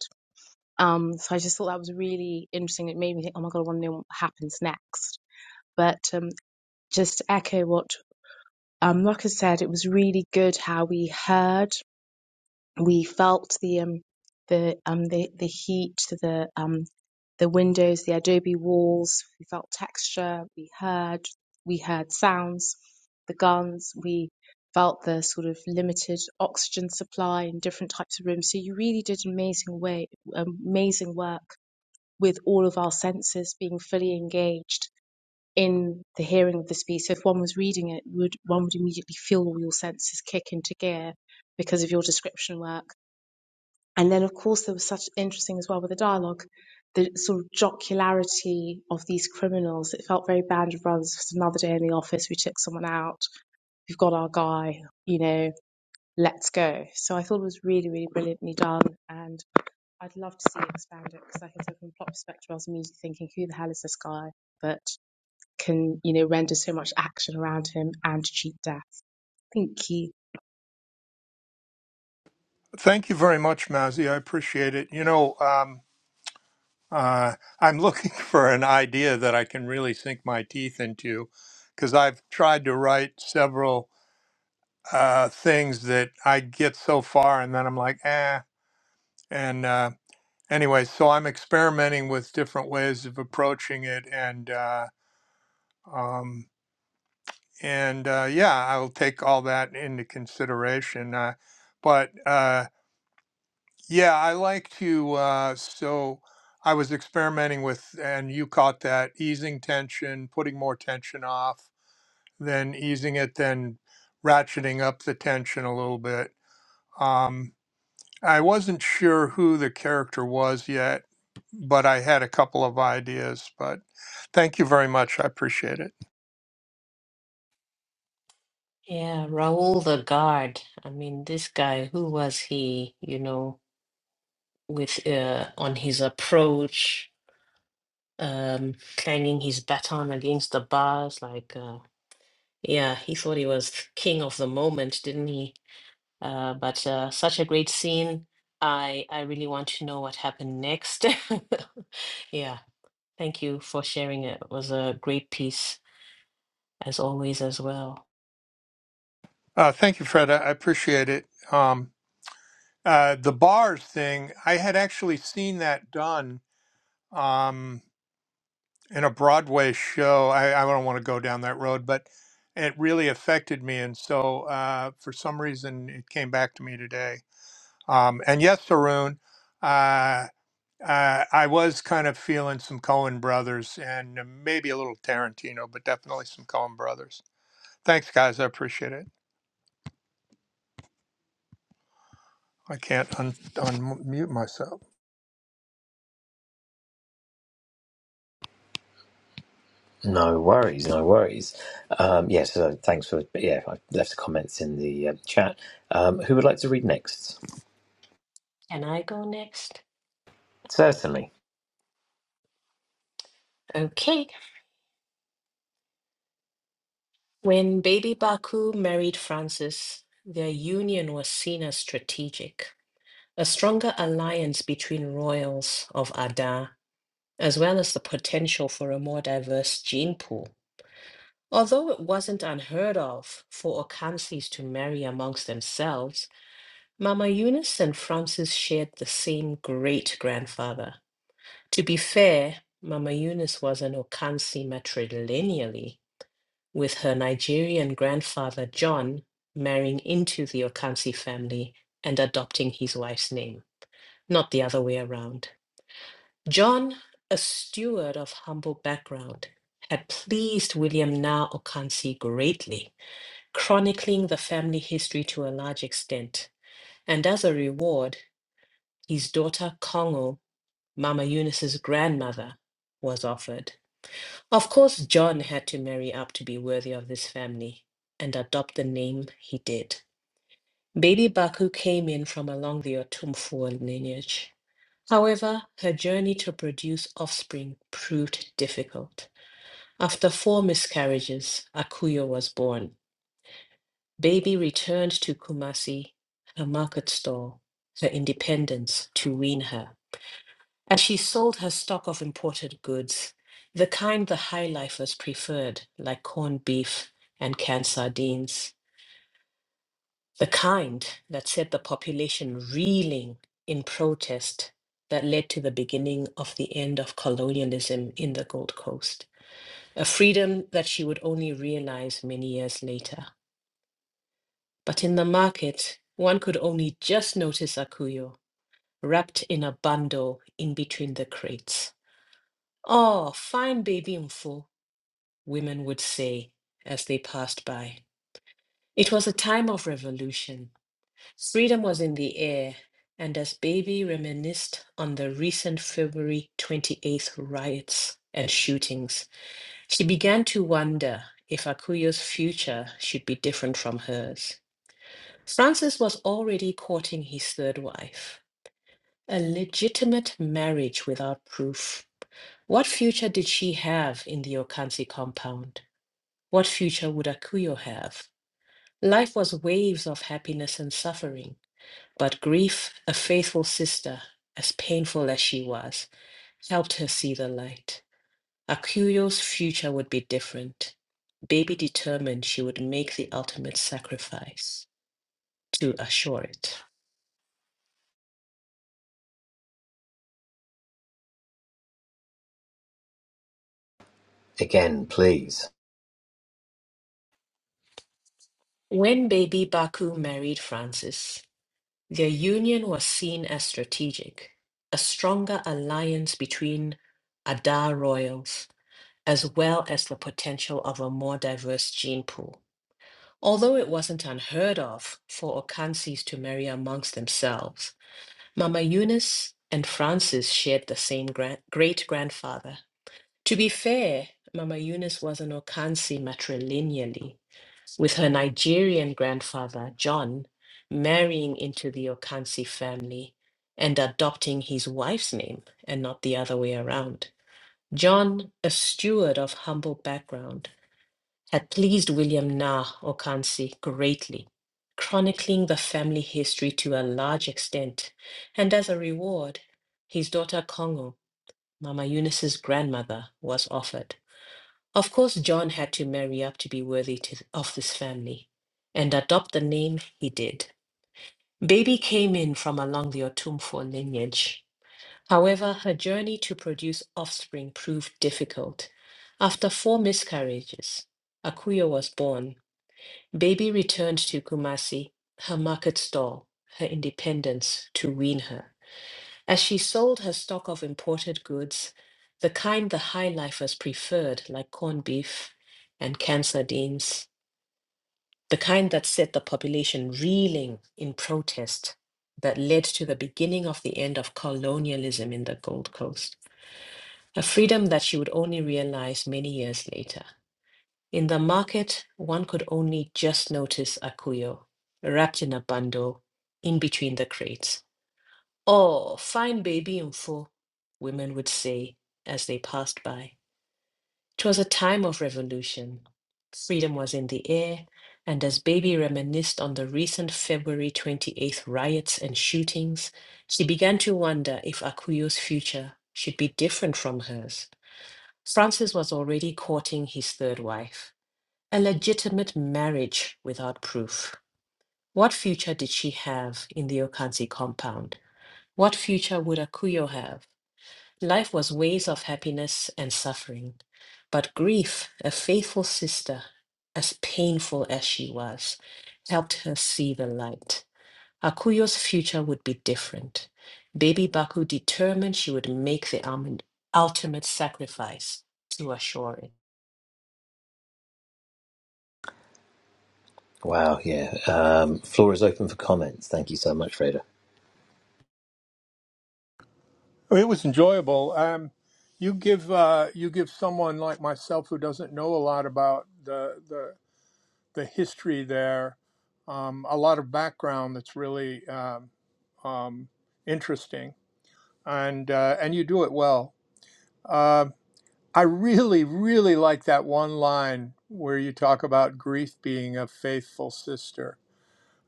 Um, so I just thought that was really interesting. It made me think, oh my god, I want to know what happens next. But um, just to echo what um, like I said, it was really good how we heard, we felt the um, the um, the the heat, the um, the windows, the adobe walls. We felt texture. We heard, we heard sounds, the guns. We felt the sort of limited oxygen supply in different types of rooms. So you really did amazing way, amazing work with all of our senses being fully engaged in the hearing of the speech. So if one was reading it, would one would immediately feel all your senses kick into gear because of your description work. And then, of course, there was such interesting as well with the dialogue, the sort of jocularity of these criminals. It felt very Band of Brothers. It was another day in the office. We took someone out. We've got our guy. You know, let's go. So I thought it was really, really brilliantly done. And I'd love to see it expanded because, like I said, from a plot perspective, I was immediately thinking, who the hell is this guy? But can, you know, render so much action around him and cheat death. Thank you.
Thank you very much, Mazzy. I appreciate it. You know, um, Uh, I'm looking for an idea that I can really sink my teeth into because I've tried to write several uh, things that I get so far and then I'm like, eh. And uh, anyway, so I'm experimenting with different ways of approaching it. And, uh, um, and uh, yeah, I'll take all that into consideration. Uh, but uh, Yeah, I like to. Uh, so I was experimenting with, and you caught that easing tension, putting more tension off, then easing it, then ratcheting up the tension a little bit. Um, I wasn't sure who the character was yet, but I had a couple of ideas. But thank you very much. I appreciate it.
Yeah, Raoul the guard. I mean, this guy, who was he, you know, with uh, on his approach, um, clanging his baton against the bars, like, uh, yeah, he thought he was king of the moment, didn't he? Uh, but uh, such a great scene. I I really want to know what happened next. Yeah, thank you for sharing it. It was a great piece, as always, as well.
Uh, thank you, Fred. I I appreciate it. Um, uh, the bars thing, I had actually seen that done. Um, in a Broadway show. I, I don't want to go down that road, but it really affected me. And so uh, for some reason, it came back to me today. Um, and yes, Tarun, uh, uh, I was kind of feeling some Cohen brothers and uh, maybe a little Tarantino, but definitely some Cohen brothers. Thanks, guys. I appreciate it. I can't un- unmute myself.
No worries, no worries. Um, yeah, so thanks for but yeah. I left the comments in the uh, chat. Um, who would like to read next?
Can I go next?
Certainly.
Okay. When Baby Baku married Francis, their union was seen as strategic, a stronger alliance between royals of Ada, as well as the potential for a more diverse gene pool. Although it wasn't unheard of for Okansis to marry amongst themselves, Mama Eunice and Francis shared the same great grandfather. To be fair, Mama Eunice was an Okansi matrilineally, with her Nigerian grandfather John marrying into the Okansi family and adopting his wife's name, not the other way around. John, a steward of humble background, had pleased William Naa Okansi greatly, chronicling the family history to a large extent. And as a reward, his daughter Kongo, Mama Eunice's grandmother, was offered. Of course, John had to marry up to be worthy of this family and adopt the name he did. Baby Baku came in from along the Otumfuo lineage. However, her journey to produce offspring proved difficult. After four miscarriages, Akuyo was born. Baby returned to Kumasi, her market stall, her independence to wean her. And she sold her stock of imported goods, the kind the high lifers preferred, like corned beef and canned sardines, the kind that set the population reeling in protest that led to the beginning of the end of colonialism in the Gold Coast, a freedom that she would only realize many years later. But in the market, one could only just notice Akuyo wrapped in a bundle in between the crates. Oh, fine baby Mfu, women would say as they passed by. It was a time of revolution. Freedom was in the air, and as Baby reminisced on the recent February 28th riots and shootings, she began to wonder if Akuyo's future should be different from hers. Francis was already courting his third wife, a legitimate marriage without proof. What future did she have in the Okansi compound? What future would Akuyo have? Life was waves of happiness and suffering, but grief, a faithful sister, as painful as she was, helped her see the light. Akuyo's future would be different. Baby determined she would make the ultimate sacrifice to assure it.
Again, please.
When baby Baku married Francis, their union was seen as strategic, a stronger alliance between Adar royals, as well as the potential of a more diverse gene pool. Although it wasn't unheard of for Okansis to marry amongst themselves, Mama Eunice and Francis shared the same great grandfather. To be fair, Mama Eunice was an Okansi matrilineally, with her Nigerian grandfather, John, marrying into the Okansi family and adopting his wife's name and not the other way around. John, a steward of humble background, had pleased William Nah Okansi greatly, chronicling the family history to a large extent, and as a reward, his daughter Congo, Mama Eunice's grandmother, was offered. Of course, John had to marry up to be worthy to, of this family, and adopt the name he did. Baby came in from along the Otumfo lineage. However, her journey to produce offspring proved difficult. After four miscarriages, Akuyo was born Baby returned to Kumasi, her market stall, her independence to wean her. As she sold her stock of imported goods, the kind the high lifers preferred, like corned beef and canned sardines, the kind that set the population reeling in protest, that led to the beginning of the end of colonialism in the Gold Coast, a freedom that she would only realize many years later. In the market, one could only just notice Akuyo, wrapped in a bundle, in between the crates. Oh, fine baby info, women would say as they passed by. 'Twas a time of revolution. Freedom was in the air, and as baby reminisced on the recent February 28th riots and shootings, she began to wonder if Akuyo's future should be different from hers. Francis was already courting his third wife. A legitimate marriage without proof. What future did she have in the Okansi compound? What future would Akuyo have? Life was waves of happiness and suffering, but grief, a faithful sister, as painful as she was, helped her see the light. Akuyo's future would be different. Baby Baku determined she would make the ultimate ultimate sacrifice to assure it.
Wow, yeah. Um, floor is open for comments. Thank you so much, Freda.
Oh, It was enjoyable. Um, you give uh, you give someone like myself who doesn't know a lot about the the. the history there, um, a lot of background that's really um, um, interesting, and uh, and you do it well. Uh, I really, really like that one line where you talk about grief being a faithful sister,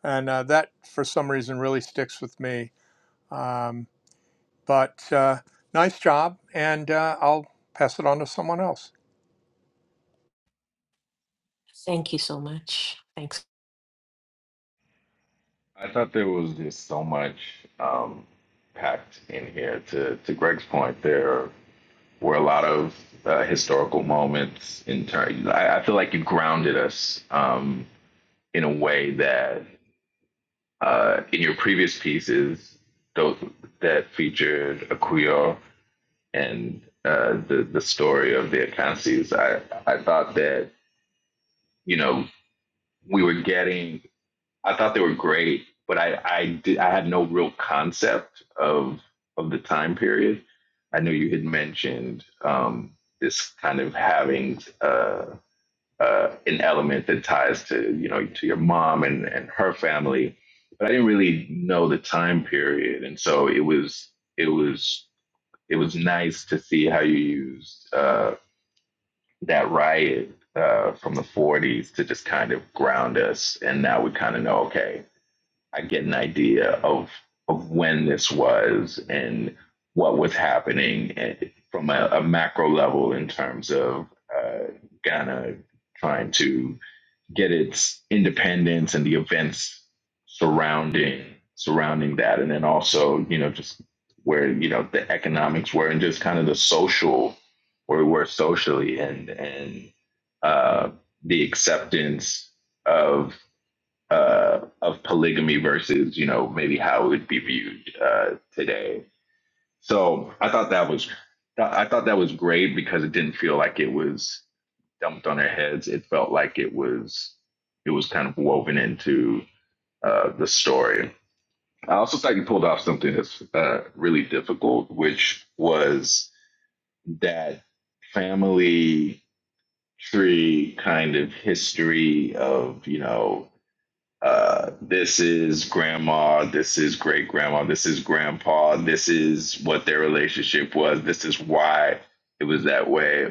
and uh, that for some reason really sticks with me. Um, but uh, nice job, and uh, I'll pass it on to someone else.
Thank you so much. Thanks.
I thought there was just so much um, packed in here. To to Greg's point, there were a lot of uh, historical moments in turn. I, I feel like you grounded us um, in a way that Uh, in your previous pieces, those that featured Akuyo and uh, the the story of the Akansis, I I thought that you know we were getting. I thought they were great, but I I did I had no real concept of of the time period. I know you had mentioned um, this kind of having. Uh, uh, an element that ties to you know to your mom and and her family but i didn't really know the time period and so it was it was it was nice to see how you used uh, that riot uh, from the 40s to just kind of ground us and now we kind of know okay i get an idea of of when this was and what was happening and from a, a macro level in terms of uh, ghana trying to get its independence and the events surrounding surrounding that and then also you know just where you know the economics were and just kind of the social where we were socially and and uh the acceptance of uh of polygamy versus you know maybe how it would be viewed uh today so i thought that was i thought that was great because it didn't feel like it was dumped on their heads. It felt like it was it was kind of woven into uh, the story. I also thought you pulled off something that's uh, really difficult, which was that family tree kind of history of you know uh, this is grandma, this is great grandma, this is grandpa, this is what their relationship was, this is why it was that way.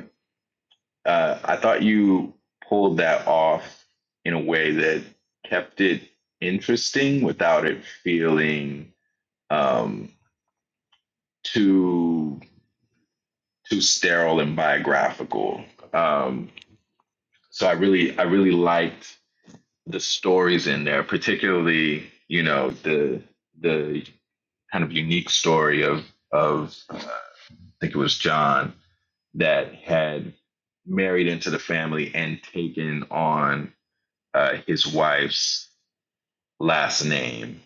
Uh, I thought you pulled that off in a way that kept it interesting without it feeling um, too too sterile and biographical. Um, so I really I really liked the stories in there, particularly you know the the kind of unique story of of I think it was John that had married into the family and taken on uh, his wife's last name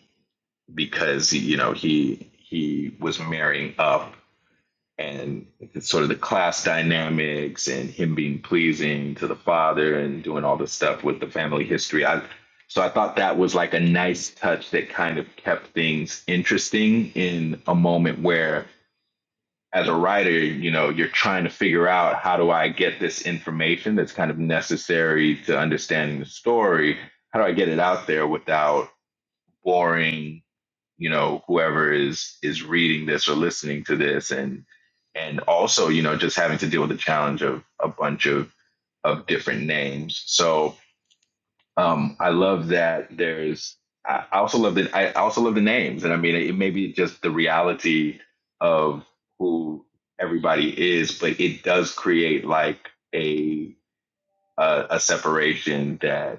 because you know he he was marrying up and sort of the class dynamics and him being pleasing to the father and doing all the stuff with the family history. I so I thought that was like a nice touch that kind of kept things interesting in a moment where as a writer, you know, you're trying to figure out how do I get this information that's kind of necessary to understanding the story? How do I get it out there without boring you know whoever is is reading this or listening to this and and also you know just having to deal with the challenge of a bunch of of different names so um i love that there's i also love the i I also love the names and i mean it may be just the reality of who everybody is but it does create like a a, a separation that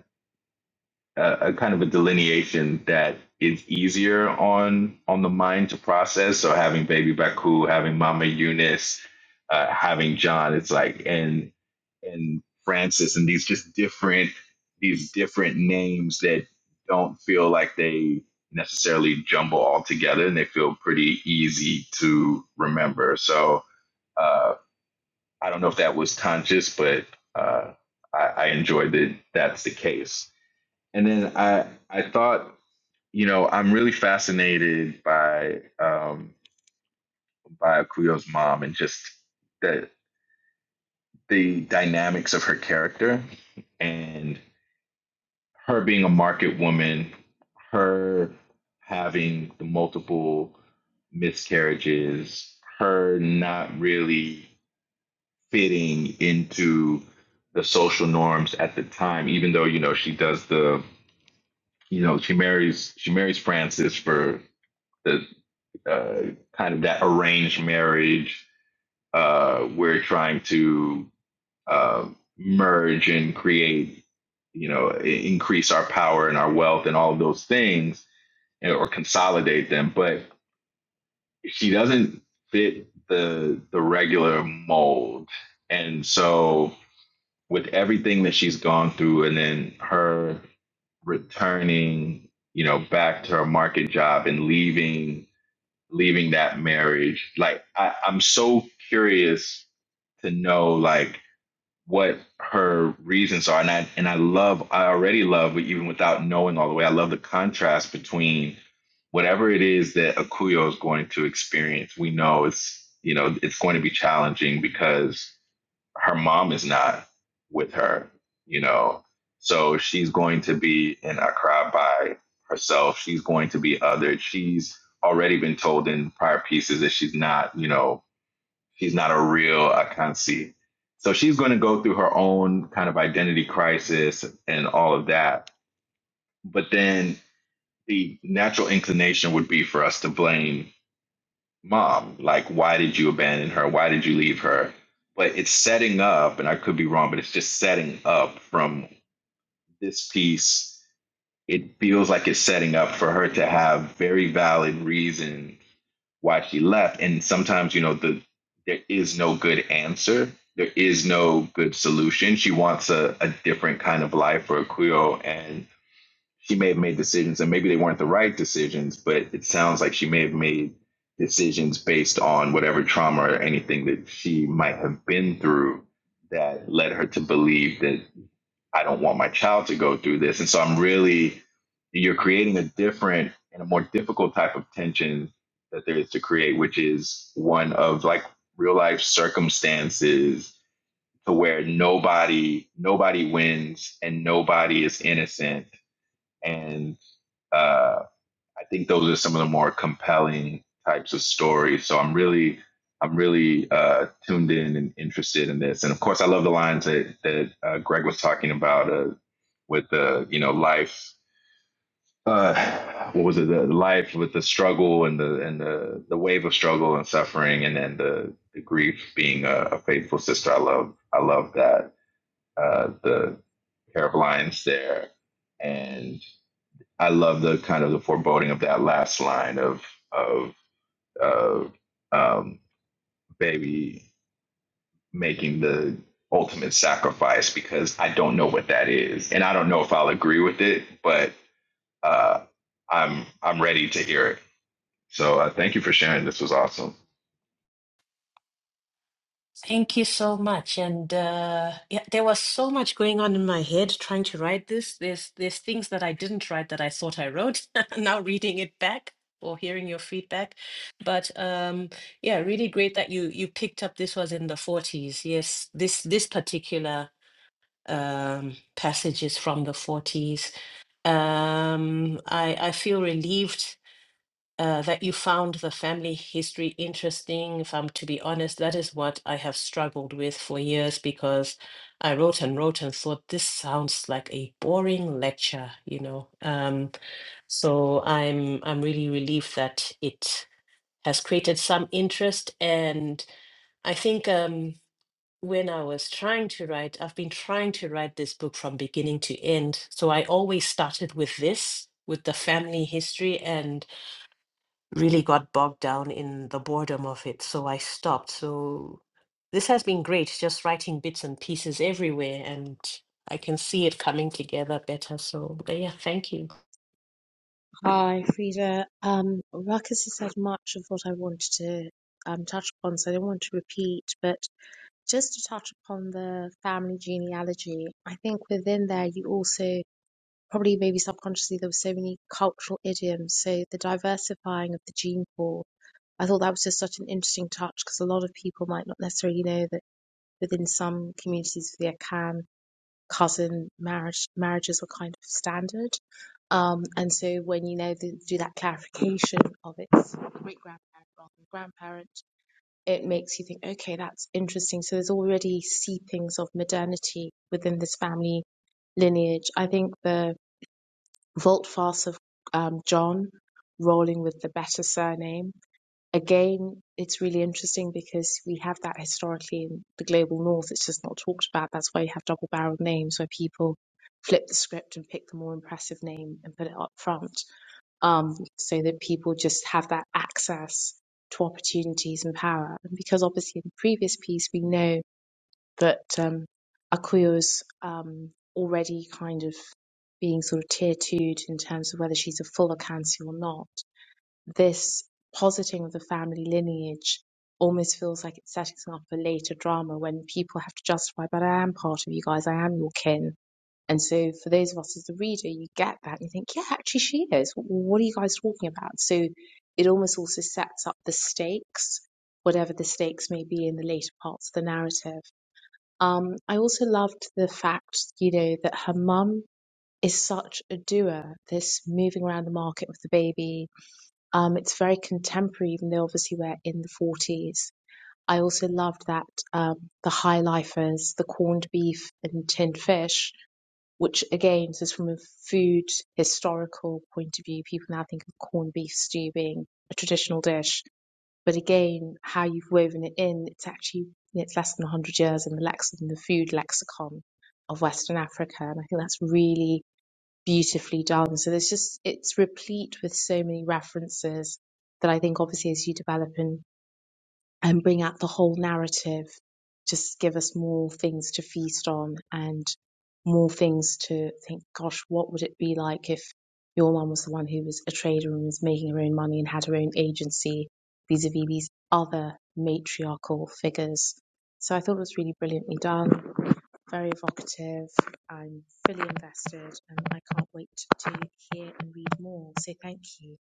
a, a kind of a delineation that is easier on on the mind to process. So having Baby Baku, having Mama Eunice, uh, having John, it's like and and Francis, and these just different these different names that don't feel like they necessarily jumble all together, and they feel pretty easy to remember. So uh, I don't know if that was conscious, but uh, I, I enjoyed that that's the case. And then I I thought you know, I'm really fascinated by um, by Akuyo's mom and just the the dynamics of her character and her being a market woman, her having the multiple miscarriages, her not really fitting into the social norms at the time, even though you know she does the you know she marries she marries Francis for the. uh, kind of that arranged marriage. Uh, we're trying to uh, merge and create, you know, increase our power and our wealth and all of those things, or consolidate them. But she doesn't fit the the regular mold, and so with everything that she's gone through, and then her returning, you know, back to her market job and leaving leaving that marriage like I, i'm so curious to know like what her reasons are and i and i love i already love even without knowing all the way i love the contrast between whatever it is that akuyo is going to experience we know it's you know it's going to be challenging because her mom is not with her, you know. So she's going to be in Accra by herself. She's going to be othered. She's already been told in prior pieces that she's not, you know, she's not a real Akansi. So she's going to go through her own kind of identity crisis and all of that. But then the natural inclination would be for us to blame mom like why did you abandon her why did you leave her but it's setting up and i could be wrong but it's just setting up from this piece it feels like it's setting up for her to have very valid reason why she left and sometimes you know the there is no good answer there is no good solution she wants a, a different kind of life for a queer and she may have made decisions and maybe they weren't the right decisions, but it sounds like she may have made decisions based on whatever trauma or anything that she might have been through that led her to believe that I don't want my child to go through this. And so I'm really, you're creating a different and a more difficult type of tension that there is to create, which is one of like real life circumstances to where nobody nobody wins and nobody is innocent and uh, I think those are some of the more compelling types of stories. So I'm really, I'm really uh, tuned in and interested in this. And of course, I love the lines that that uh, Greg was talking about uh, with the, you know, life. Uh, what was it? The life with the struggle and the and the the wave of struggle and suffering, and then the, the grief being a, a faithful sister. I love I love that uh, the pair of lines there, and. I love the kind of the foreboding of that last line of of of um, baby making the ultimate sacrifice because I don't know what that is, and I don't know if I'll agree with it, but uh, I'm I'm ready to hear it. So uh, thank you for sharing. This was awesome.
Thank you so much. And uh, yeah, there was so much going on in my head trying to write this. There's there's things that I didn't write that I thought I wrote. Now reading it back or hearing your feedback, but um, yeah, really great that you you picked up. This was in the 40s. Yes, this this particular um, passage is from the 40s. Um, I I feel relieved uh, that you found the family history interesting. If I'm to be honest, that is what I have struggled with for years because I wrote and wrote and thought this sounds like a boring lecture, you know. Um, so I'm I'm really relieved that it has created some interest and I think um, when I was trying to write, I've been trying to write this book from beginning to end. So I always started with this, with the family history. And really got bogged down in the boredom of it, so I stopped. So this has been great, just writing bits and pieces everywhere, and I can see it coming together better. So, but yeah, thank you.
Hi, Frida. Um, Ruckus has said much of what I wanted to um, touch upon, so I don't want to repeat, but just to touch upon the family genealogy, I think within there you also probably maybe subconsciously there were so many cultural idioms, so the diversifying of the gene pool. I thought that was just such an interesting touch because a lot of people might not necessarily know that within some communities of the Akan cousin marriage marriages were kind of standard. Um, and so when you now th- do that clarification of its great grandparent rather than grandparent, it makes you think, okay, that's interesting. So there's already seepings of modernity within this family lineage. I think the volte face of um, John rolling with the better surname again, it's really interesting because we have that historically in the global north. It's just not talked about. That's why you have double barreled names where people flip the script and pick the more impressive name and put it up front um, so that people just have that access to opportunities and power. And because obviously in the previous piece, we know that um, Akuyo's um, already kind of being sort of tier twoed in terms of whether she's a full Akansi or not this positing of the family lineage almost feels like it's setting up for later drama when people have to justify, but I am part of you guys, I am your kin. And so for those of us as the reader, you get that and you think, yeah, actually she is. What are you guys talking about? So it almost also sets up the stakes, whatever the stakes may be in the later parts of the narrative. Um, I also loved the fact, you know, that her mum is such a doer, this moving around the market with the baby, um, it's very contemporary, even though obviously we're in the 40s. I also loved that um, the high lifers, the corned beef and tinned fish, which again, this is from a food historical point of view. People now think of corned beef stew being a traditional dish, but again, how you've woven it in, it's actually it's less than 100 years in the lex in the food lexicon of Western Africa, and I think that's really beautifully done. So there's just it's replete with so many references that I think obviously as you develop and and bring out the whole narrative, just give us more things to feast on and more things to think. Gosh, what would it be like if your mum was the one who was a trader and was making her own money and had her own agency vis-a-vis these other matriarchal figures? So I thought it was really brilliantly done very evocative. I'm fully invested and I can't wait to hear and read more. So thank you.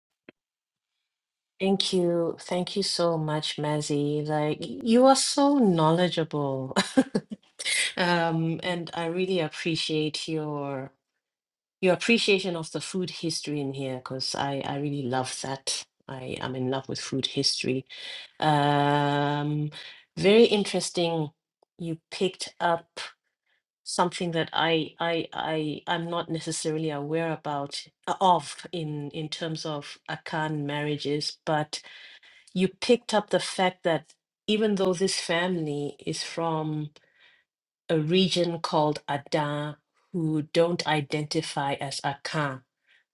Thank you. Thank you so much, Mazzy. Like, y- you are so knowledgeable. Um, and I really appreciate your your appreciation of the food history in here because I, I really love that. I am in love with food history Um, very interesting. You picked up something that I I I I'm not necessarily aware about uh, of in in terms of Akan marriages, but you picked up the fact that even though this family is from a region called Adan, who don't identify as Akan,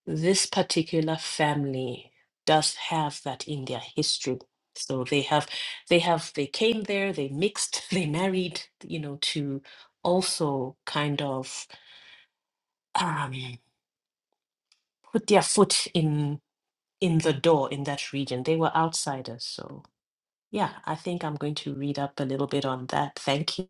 this particular family does have that in their history so they have they have they came there they mixed they married you know to also kind of um put their foot in in the door in that region they were outsiders so yeah i think i'm going to read up a little bit on that thank you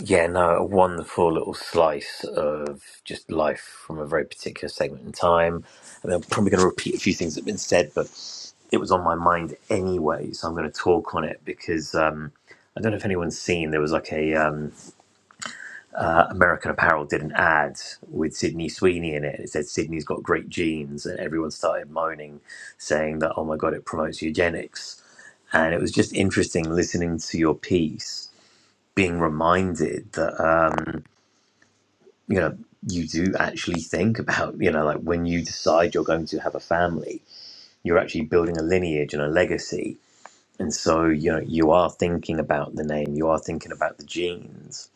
Yeah, no, a wonderful little slice of just life from a very particular segment in time. And I'm probably going to repeat a few things that have been said, but it was on my mind anyway, so I'm going to talk on it because um, I don't know if anyone's seen there was like a um, uh, American Apparel did an ad with Sydney Sweeney in it. It said Sydney's got great genes, and everyone started moaning, saying that oh my god, it promotes eugenics. And it was just interesting listening to your piece, being reminded that. uh, you know you do actually think about you know like when you decide you're going to have a family you're actually building a lineage and a legacy and so you know you are thinking about the name you are thinking about the genes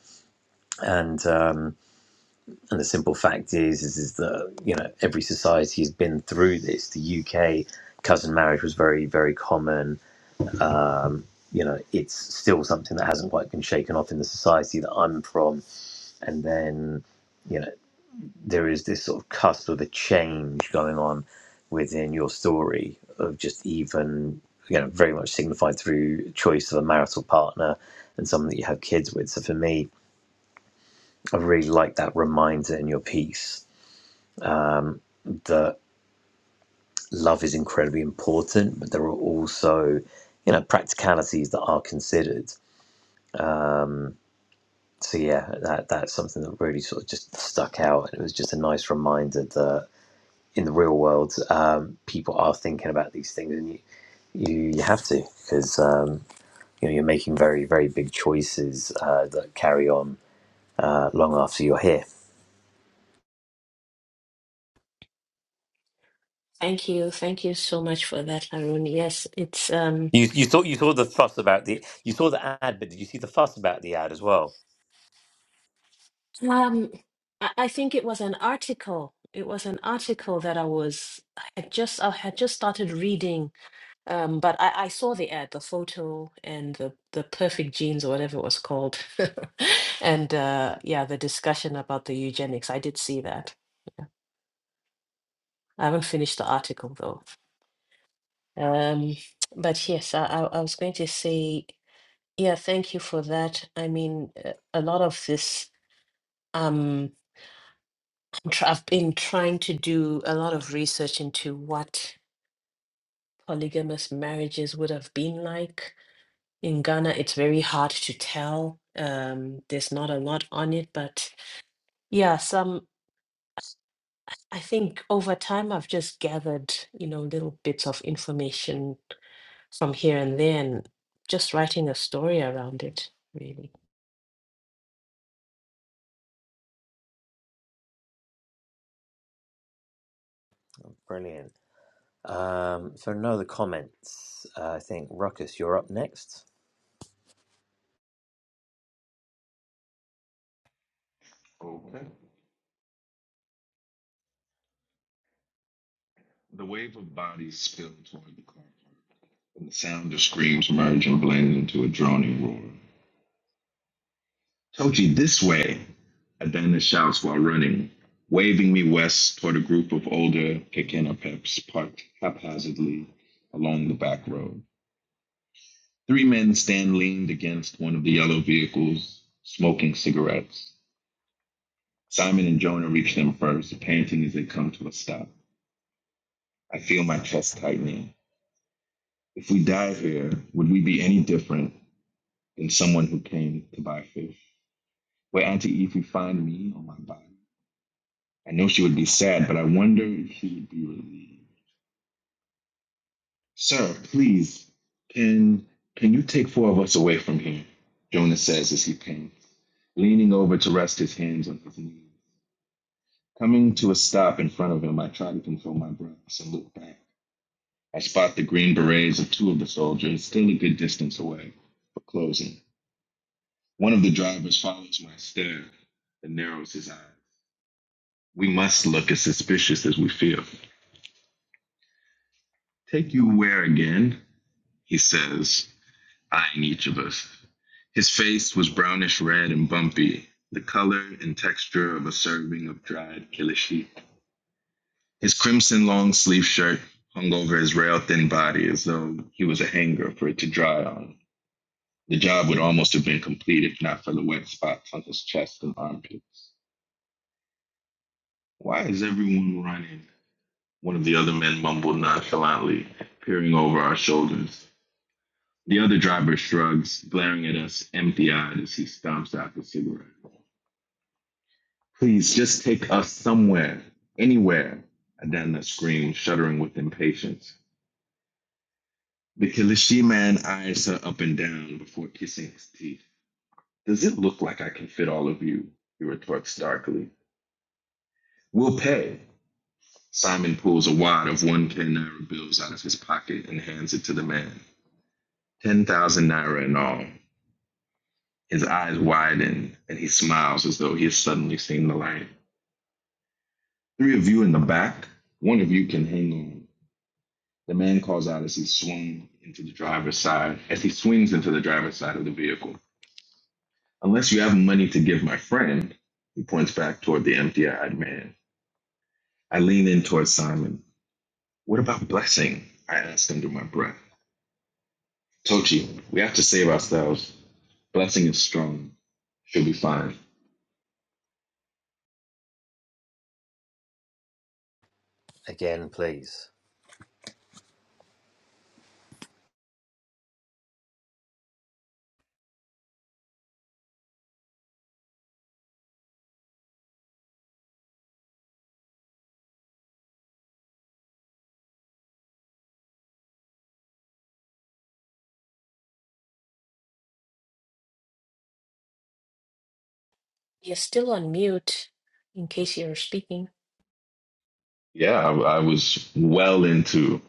and um and the simple fact is is, is that you know every society has been through this the uk cousin marriage was very very common you know it's still something that hasn't quite been shaken off in the society that i'm from and then you know. there is this sort of cusp of a change going on within your story of just even you know very much signified through choice of a marital partner and someone that you have kids with so for me i really like that reminder in your piece that love is incredibly important but there are also you know practicalities that are considered so yeah that that's something that really sort of just stuck out and it was just a nice reminder that. in the real world, um, people are thinking about these things, and you you, you have to because um, you know you're making very very big choices uh, that carry on uh, long after you're here.
thank you thank you so much for that harun yes it's um
You you saw you saw the fuss about the you saw the ad, but did you see the fuss about the ad as well?
Um, I, I think it was an article. It was an article that I was I had just I had just started reading. Um, but I, I saw the ad, the photo, and the the perfect genes or whatever it was called, and uh, yeah, the discussion about the eugenics. I did see that. I haven't finished the article though. Um, but yes, I, I I was going to say yeah, thank you for that. I mean, uh, a lot of this. Um, tr- I've been trying to do a lot of research into what polygamous marriages would have been like. In Ghana, it's very hard to tell. Um, there's not a lot on it, but yeah, some, I think over time I've just gathered, you know, little bits of information from here and there and just writing a story around it, really.
Brilliant. Um, so no, the comments. Uh, I think Ruckus, you're up next
Okay. The wave of bodies spilled toward the car park, and the sound of screams merged and blended into a droning roar. Toji, this way, Adana shouts while running, waving me west toward a group of older Kekena peps parked haphazardly along the back road. Three men stand leaned against one of the yellow vehicles, smoking cigarettes. Simon and Jonah reach them first, panting as they come to a stop. I feel my chest tightening. If we died here, would we be any different than someone who came to buy fish? Will Auntie Evie find me on my body? I know she would be sad, but I wonder if she would be relieved. Sir, please, can can you take four of us away from here? Jonas says as he paints, leaning over to rest his hands on his knees. Coming to a stop in front of him, I try to control my breaths and look back. I spot the green berets of two of the soldiers, still a good distance away, but closing. One of the drivers follows my stare and narrows his eyes. We must look as suspicious as we feel. Take you where again? He says. eyeing each of us. His face was brownish red and bumpy, the color and texture of a serving of dried killer sheep. His crimson long sleeve shirt hung over his rail thin body as though he was a hanger for it to dry on. The job would almost have been complete if not for the wet spots on his chest and armpits. Why is everyone running? One of the other men mumbled nonchalantly, peering over our shoulders. The other driver shrugs, glaring at us empty eyed as he stomps out the cigarette. Please just take us somewhere, anywhere. Adanna screamed, shuddering with impatience. The Kilishi man eyes her up and down before kissing his teeth. Does it look like I can fit all of you? He retorts darkly. We'll pay. Simon pulls a wad of 1K Naira bills out of his pocket and hands it to the man. 10,000 Naira in all. His eyes widen and he smiles as though he has suddenly seen the light. Three of you in the back? One of you can hang on. The man calls out as he swung into the driver's side, as he swings into the driver's side of the vehicle. Unless you have money to give my friend, he points back toward the empty eyed man. I lean in toward Simon. What about blessing? I ask under my breath. Tochi, we have to save ourselves. Blessing is strong. She'll be fine.
again, please.
You're still on mute in case you're speaking.
Yeah, I, I was well into.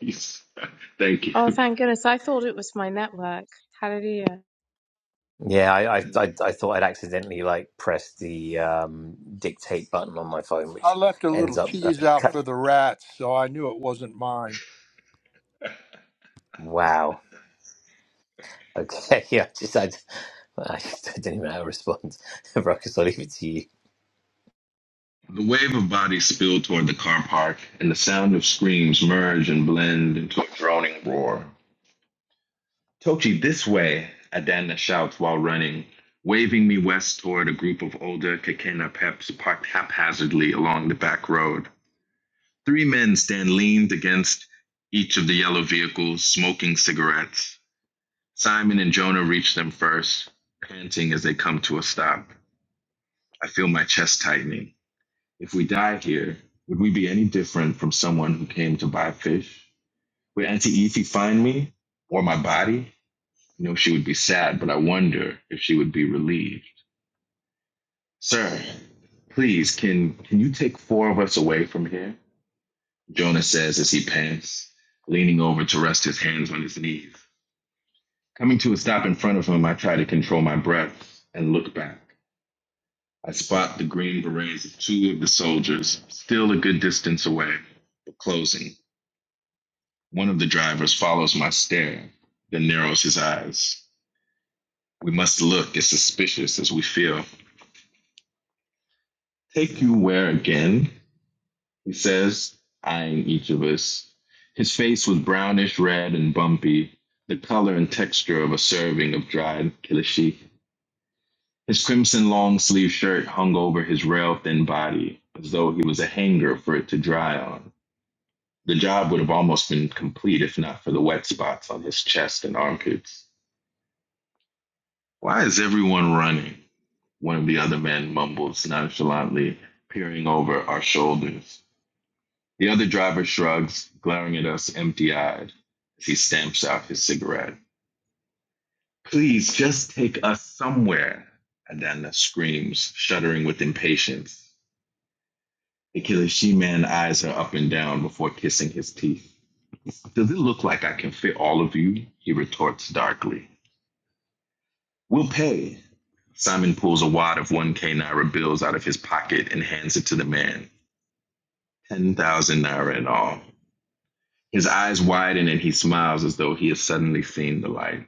Peace. Thank you.
Oh, thank goodness. I thought it was my network. Hallelujah.
Yeah, I, I I I thought I'd accidentally like press the um, dictate button on my phone,
I
which
left a
ends
little
up uh,
cheese out
cut.
for the rats, so I knew it wasn't mine.
Wow. Okay. Yeah. I just I, I just didn't even know how to respond. Ruckus, I'll leave it to you.
The wave of bodies spilled toward the car park, and the sound of screams merge and blend into a droning roar. Tochi, this way, Adana shouts while running, waving me west toward a group of older Kakena peps parked haphazardly along the back road. Three men stand leaned against each of the yellow vehicles, smoking cigarettes. Simon and Jonah reach them first, panting as they come to a stop. I feel my chest tightening. If we die here, would we be any different from someone who came to buy fish? Would Auntie Evie find me? Or my body? You know, she would be sad, but I wonder if she would be relieved. Sir, please, can can you take four of us away from here? Jonah says as he pants, leaning over to rest his hands on his knees. Coming to a stop in front of him, I try to control my breath and look back. I spot the green berets of two of the soldiers, still a good distance away, but closing. One of the drivers follows my stare, then narrows his eyes. We must look as suspicious as we feel. Take you where again? He says, eyeing each of us. His face was brownish red and bumpy, the color and texture of a serving of dried kilishi. His crimson long sleeved shirt hung over his rail thin body, as though he was a hanger for it to dry on. The job would have almost been complete if not for the wet spots on his chest and armpits. Why is everyone running? One of the other men mumbles nonchalantly, peering over our shoulders. The other driver shrugs, glaring at us empty eyed as he stamps out his cigarette. Please just take us somewhere, Adana screams, shuddering with impatience. The killer she man eyes her up and down before kissing his teeth. Does it look like I can fit all of you? He retorts darkly. We'll pay. Simon pulls a wad of 1K Naira bills out of his pocket and hands it to the man. 10,000 Naira in all. His eyes widen and he smiles as though he has suddenly seen the light.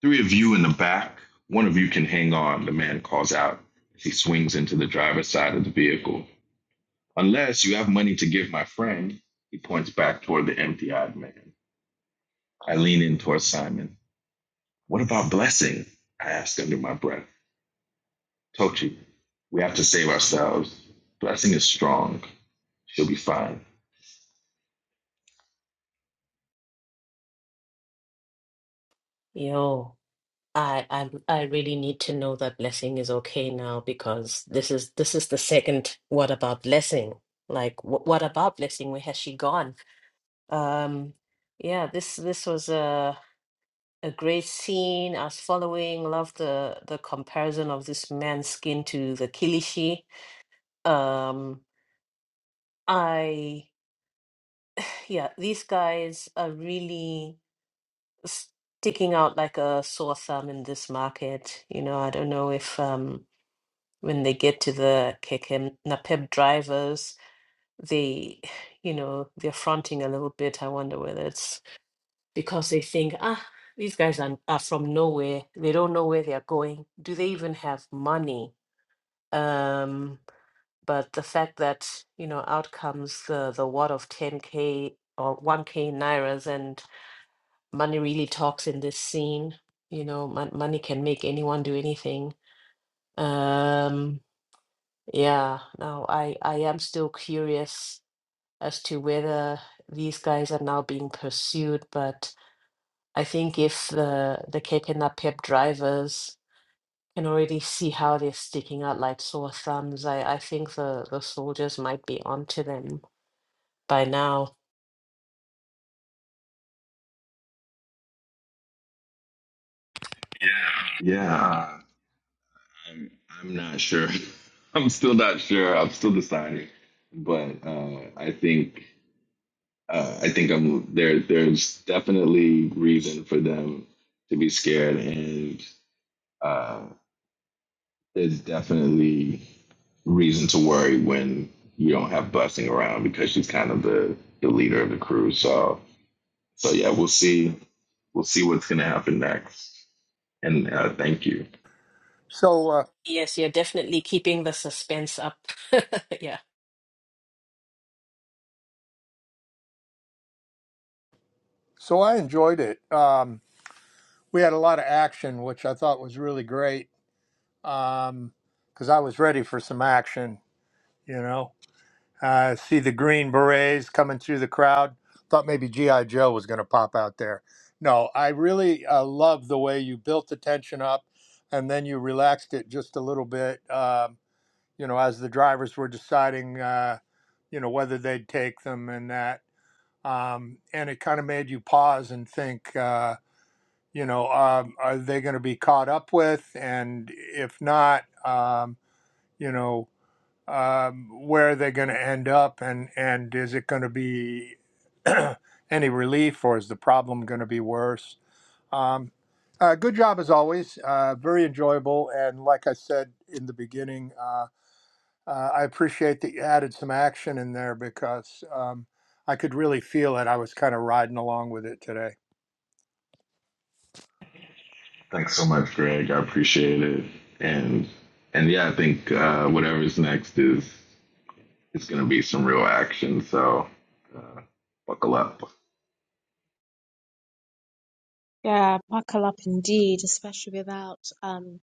Three of you in the back. One of you can hang on, the man calls out as he swings into the driver's side of the vehicle. Unless you have money to give my friend, he points back toward the empty eyed man. I lean in toward Simon. What about blessing? I ask under my breath. Tochi, we have to save ourselves. Blessing is strong. She'll be fine.
Yo. I I I really need to know that blessing is okay now because this is this is the second what about blessing? Like wh- what about blessing? Where has she gone? Um yeah, this this was a a great scene. I was following, love the the comparison of this man's skin to the Kilishi. Um I yeah, these guys are really sticking out like a sore thumb in this market. You know, I don't know if um when they get to the KKM Napep drivers, they, you know, they're fronting a little bit. I wonder whether it's because they think, ah, these guys are, are from nowhere. They don't know where they're going. Do they even have money? Um, but the fact that, you know, out comes the, the wad of 10K or 1K Nairas and money really talks in this scene. You know, mon- money can make anyone do anything. Um, Yeah, no, I I am still curious as to whether these guys are now being pursued, but I think if the the Kekena Pep drivers can already see how they're sticking out like sore thumbs, I I think the the soldiers might be onto them by now.
Yeah, I'm I'm not sure. I'm still not sure. I'm still deciding. But uh, I think uh, I think I'm there. There's definitely reason for them to be scared, and uh, there's definitely reason to worry when you don't have Blessing around because she's kind of the the leader of the crew. So so yeah, we'll see. We'll see what's gonna happen next. And uh, thank you.
So, uh,
Yes, you're definitely keeping the suspense up. Yeah.
so I enjoyed it. Um, we had a lot of action, which I thought was really great because I was ready for some action. You know, I see the green berets coming through the crowd. Thought maybe GI Joe was going to pop out there. No, I really uh, love the way you built the tension up, and then you relaxed it just a little bit. Um, you know, as the drivers were deciding, uh, you know, whether they'd take them and that, um, and it kind of made you pause and think. Uh, you know, um, are they going to be caught up with? And if not, um, you know, um, where are they going to end up? And, and is it going to be any relief or is the problem going to be worse? Um, uh, good job as always. Uh, very enjoyable. And like I said in the beginning, uh, uh, I appreciate that you added some action in there because um, I could really feel it. I was kind of riding along with it today.
Thanks so much, Greg. I appreciate it. And and yeah, I think uh, whatever's next is is going to be some real action. So uh, buckle up. Thank
Yeah, buckle up indeed, especially without um,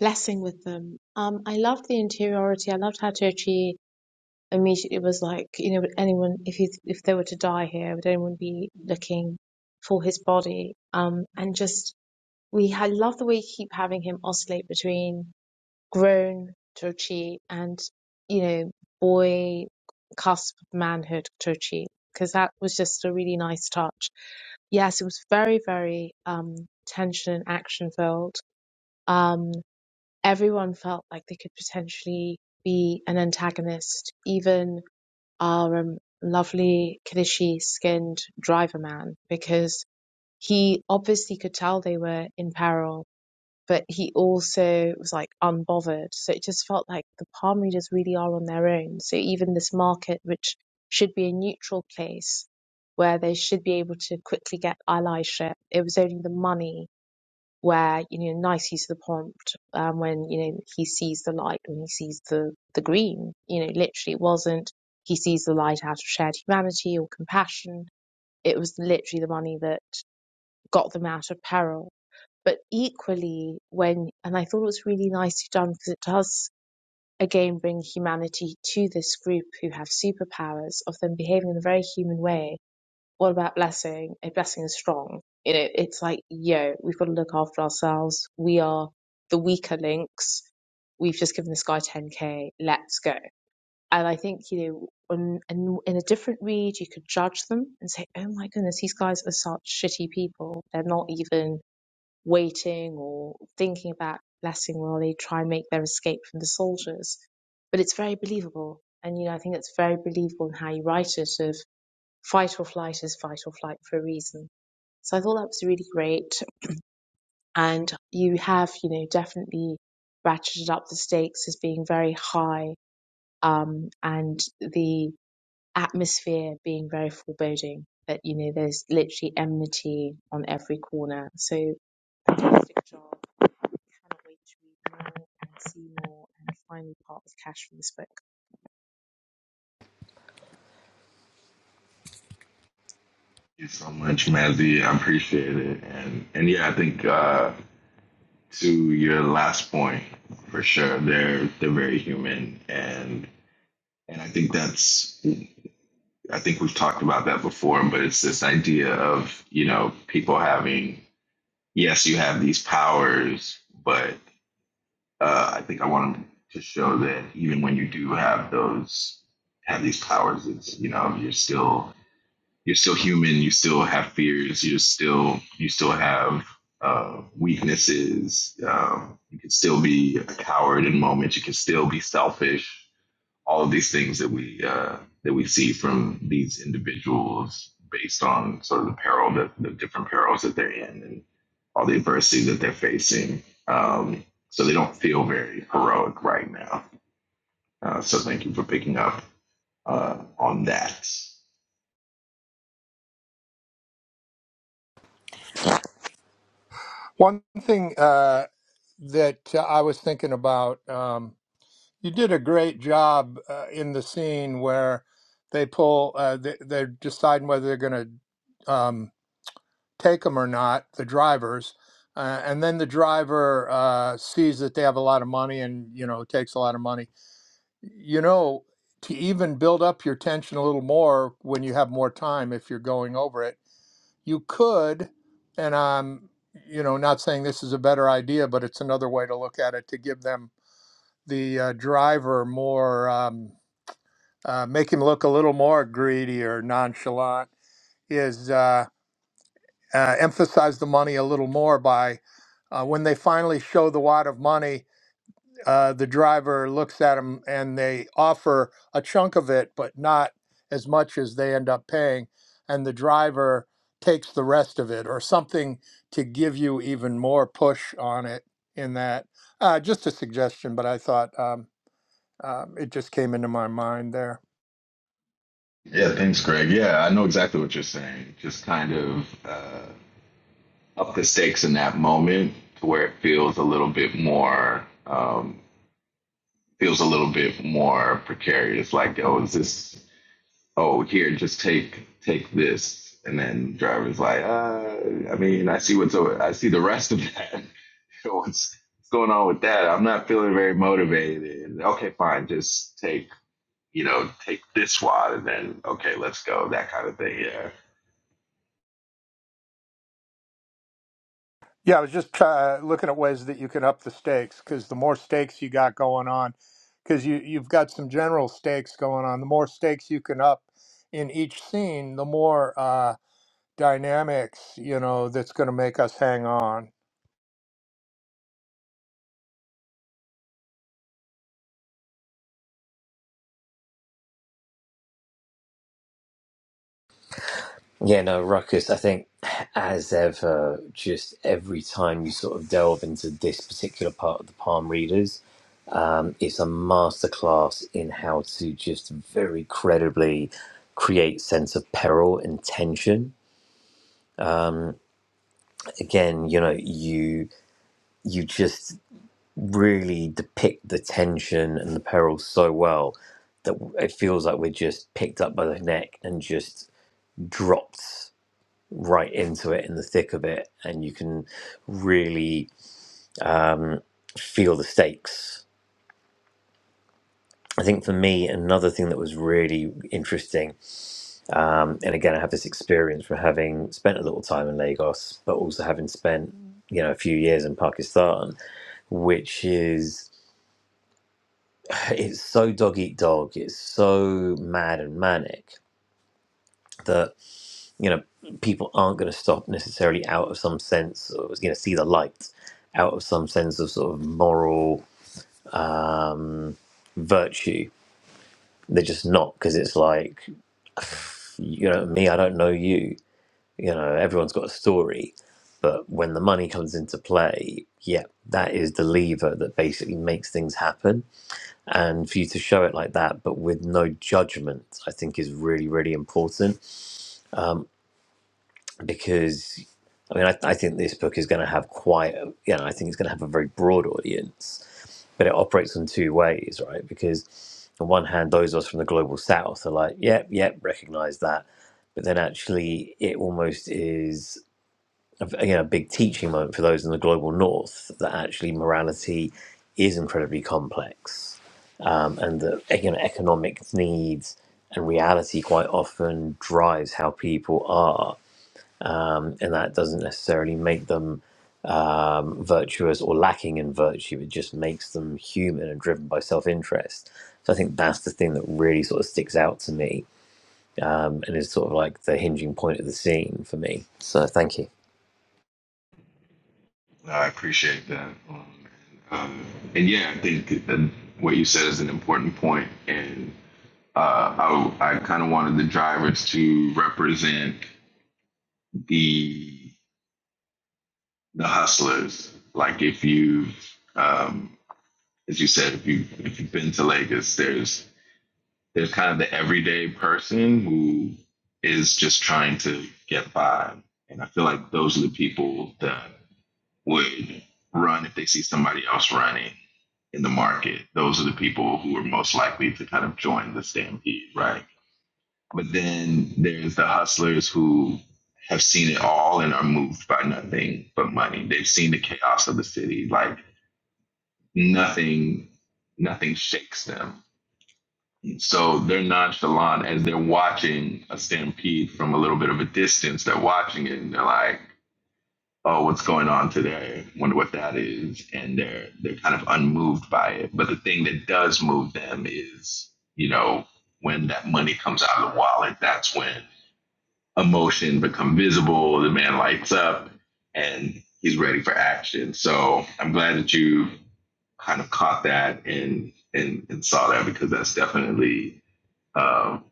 blessing with them. Um, I loved the interiority. I loved how Tochi immediately was like, you know, would anyone, if he, if they were to die here, would anyone be looking for his body? Um, and just, we, I love the way you keep having him oscillate between grown, Tochi, and you know, boy cusp of manhood, Tochi, because that was just a really nice touch. Yes, it was very, very um, tension and action filled. Um, everyone felt like they could potentially be an antagonist, even our um, lovely Kadishi skinned driver man, because he obviously could tell they were in peril but he also was like unbothered. So it just felt like the palm readers really are on their own. So even this market, which should be a neutral place where they should be able to quickly get allyship, it was only the money where, you know, nice use of the prompt um, when, you know, he sees the light, when he sees the, the green, you know, literally it wasn't he sees the light out of shared humanity or compassion. It was literally the money that got them out of peril but equally, when, and I thought it was really nicely done because it does again bring humanity to this group who have superpowers of them behaving in a very human way. What about blessing? A blessing is strong. You know, it's like, yo, we've got to look after ourselves. We are the weaker links. We've just given this guy 10K. Let's go. And I think, you know, in, in, in a different read, you could judge them and say, oh my goodness, these guys are such shitty people. They're not even waiting or thinking about blessing while they try and make their escape from the soldiers. But it's very believable. And, you know, I think it's very believable in how you write it of fight or flight is fight or flight for a reason. So I thought that was really great. And you have, you know, definitely ratcheted up the stakes as being very high, um, and the atmosphere being very foreboding that, you know, there's literally enmity on every corner. So fantastic job cannot wait to read more and see more and finally part with Cash from this book.
you so much, Mazzy. I appreciate it. And and yeah, I think uh, to your last point, for sure, they're they're very human, and and I think that's I think we've talked about that before, but it's this idea of you know people having yes, you have these powers, but uh, I think I want to show that even when you do have those have these powers, it's you know you're still you're still human. You still have fears. You're still you still have uh, weaknesses. Um, you can still be a coward in moments. You can still be selfish all of these things that we uh, that we see from these individuals based on sort of the peril that the different perils that they're in and all the adversity that they're facing. Um, so they don't feel very heroic right now. Uh, so thank you for picking up uh, on that.
One thing uh, that uh, I was thinking about, um, you did a great job uh, in the scene where they pull, uh, they, they're deciding whether they're going to um, take them or not, the drivers. Uh, and then the driver uh, sees that they have a lot of money and, you know, takes a lot of money. You know, to even build up your tension a little more when you have more time, if you're going over it you could, and I'm, you know, not saying this is a better idea, but it's another way to look at it to give them the uh, driver more, um, uh, make him look a little more greedy or nonchalant. Is uh, uh, emphasize the money a little more by uh, when they finally show the wad of money uh, the driver looks at them and they offer a chunk of it, but not as much as they end up paying. And the driver takes the rest of it or something to give you even more push on it in that. Uh, just a suggestion, but I thought um, um, it just came into my mind there.
Yeah, thanks, Greg. Yeah, I know exactly what you're saying. Just kind of uh, up the stakes in that moment to where it feels a little bit more um, feels a little bit more precarious. Like, oh, is this oh here just take take this and then driver's like uh i mean i see what's over i see the rest of that what's, what's going on with that i'm not feeling very motivated okay fine just take you know take this wad and then okay let's go that kind of thing yeah
Yeah, I was just try- uh, looking at ways that you can up the stakes because the more stakes you got going on, because you, you've got some general stakes going on, the more stakes you can up in each scene, the more. uh, dynamics, you know, that's going to make us hang on.
Yeah. No, Ruckus. I think as ever, just every time you sort of delve into this particular part of the palm readers, um, it's a masterclass in how to just very credibly create sense of peril and tension. Again, you know, you you just really depict the tension and the peril so well that it feels like we're just picked up by the neck and just dropped right into it in the thick of it and you can really um, feel the stakes i think for me another thing that was really interesting um, and again i have this experience from having spent a little time in lagos but also having spent you know a few years in pakistan which is it's so dog eat dog it's so mad and manic that you know people aren't going to stop necessarily out of some sense or you know see the light out of some sense of sort of moral virtue they're just not because it's like you know me i don't know you you know everyone's got a story but when the money comes into play yeah that is the lever that basically makes things happen and for you to show it like that but with no judgment i think is really really important Um, because I mean, I, I think this book is going to have quite, a, you know, I think it's going to have a very broad audience, but it operates in two ways, right? Because on one hand, those of us from the global south are like, yep, yep, recognize that. But then actually, it almost is, a- you know, a big teaching moment for those in the global north that actually morality is incredibly complex um, and that, you know, economic needs and reality quite often drives how people are um, and that doesn't necessarily make them um, virtuous or lacking in virtue. It just makes them human and driven by self-interest. So I think that's the thing that really sort of sticks out to me, um, and is sort of like the hinging point of the scene for me. So thank you.
i appreciate that um, um, and yeah i think that what you said is an important point and uh, I, I kind of wanted the drivers to represent the the hustlers. Like if you, um, as you said, if you if you've been to Lagos, there's there's kind of the everyday person who is just trying to get by, and I feel like those are the people that would run if they see somebody else running in the market. Those are the people who are most likely to kind of join the stampede, right? But then there's the hustlers who have seen it all and are moved by nothing but money. They've seen the chaos of the city, like nothing nothing shakes them. So they're nonchalant as they're watching a stampede from a little bit of a distance. They're watching it and they're like, "Oh, what's going on today? Wonder what that is." And they're they're kind of unmoved by it. But the thing that does move them is, you know, when that money comes out of the wallet. That's when emotion become visible. The man lights up and he's ready for action. So I'm glad that you kind of caught that and and, and saw that because that's definitely um,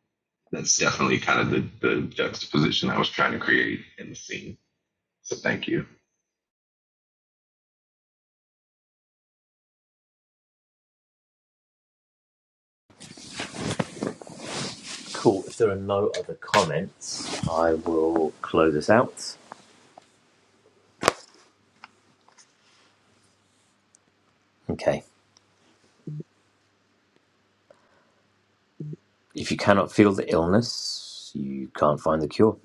that's definitely kind of the, the juxtaposition I was trying to create in the scene. So thank you.
Cool. If there are no other comments, I will close this out. Okay. If you cannot feel the illness, you can't find the cure.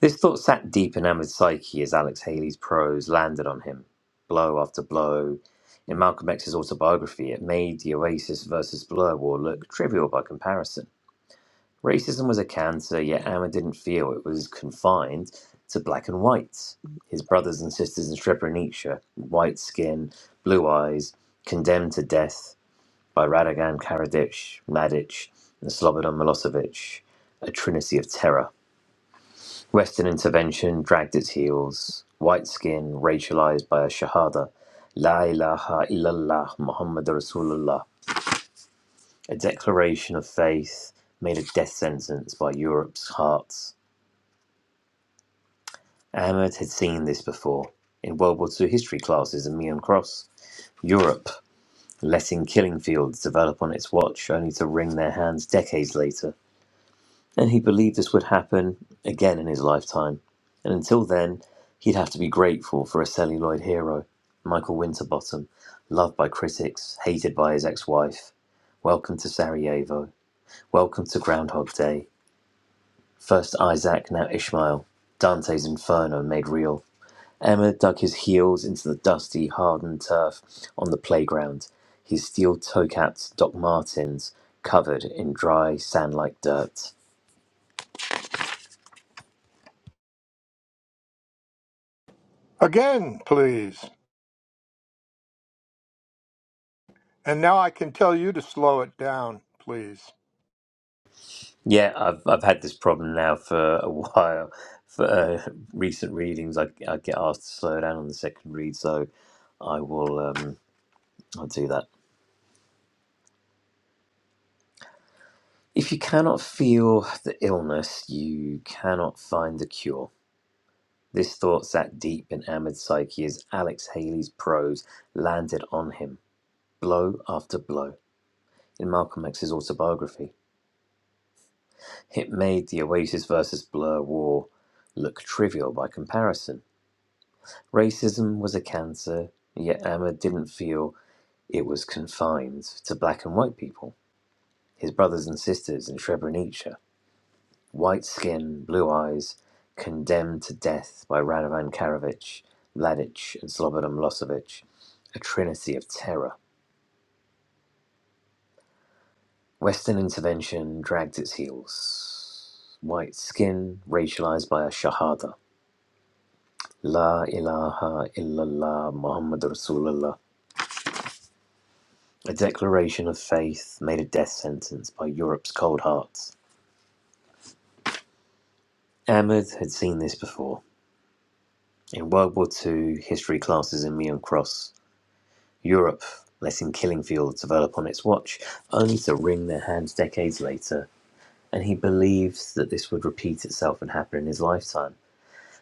This thought sat deep in Ahmed's psyche as Alex Haley's prose landed on him, blow after blow. In Malcolm X's autobiography, it made the Oasis versus Blur war look trivial by comparison. Racism was a cancer, yet Ahmed didn't feel it was confined to black and whites. His brothers and sisters in Srebrenica, white skin, blue eyes, condemned to death by Radigan Karadzic, Mladic, and Slobodan Milosevic, a trinity of terror. Western intervention dragged its heels. White skin racialized by a Shahada, La ilaha illallah Muhammad Rasulullah, a declaration of faith made a death sentence by Europe's hearts. Ahmed had seen this before in World War II history classes in Meon Cross. Europe letting killing fields develop on its watch only to wring their hands decades later. and he believed this would happen again in his lifetime. And until then, he'd have to be grateful for a celluloid hero, Michael Winterbottom, loved by critics, hated by his ex wife. Welcome to Sarajevo. Welcome to Groundhog Day. First Isaac, now Ishmael. Dante's Inferno made real. Emma dug his heels into the dusty, hardened turf on the playground, his steel toe capped Doc Martens covered in dry, sand like dirt.
Again, please. And now I can tell you to slow it down, please.
Yeah, I've I've had this problem now for a while. For uh, recent readings, I, I get asked to slow down on the second read, so I will um, I'll do that. If you cannot feel the illness, you cannot find the cure. This thought sat deep in Ahmed's psyche as Alex Haley's prose landed on him, blow after blow. In Malcolm X's autobiography, it made the Oasis versus Blur war look trivial by comparison. Racism was a cancer, yet Ahmed didn't feel it was confined to black and white people. His brothers and sisters in Srebrenica, white skin, blue eyes, condemned to death by Radovan Karadzic, Mladic, and Slobodan Milosevic, a trinity of terror. Western intervention dragged its heels. White skin racialized by a Shahada. La ilaha illallah Muhammad Rasulullah A declaration of faith made a death sentence by Europe's cold hearts. Ahmed had seen this before. In World War Two history classes in Meon Cross, Europe, letting killing fields develop on its watch, only to wring their hands decades later, and he believed that this would repeat itself and happen in his lifetime.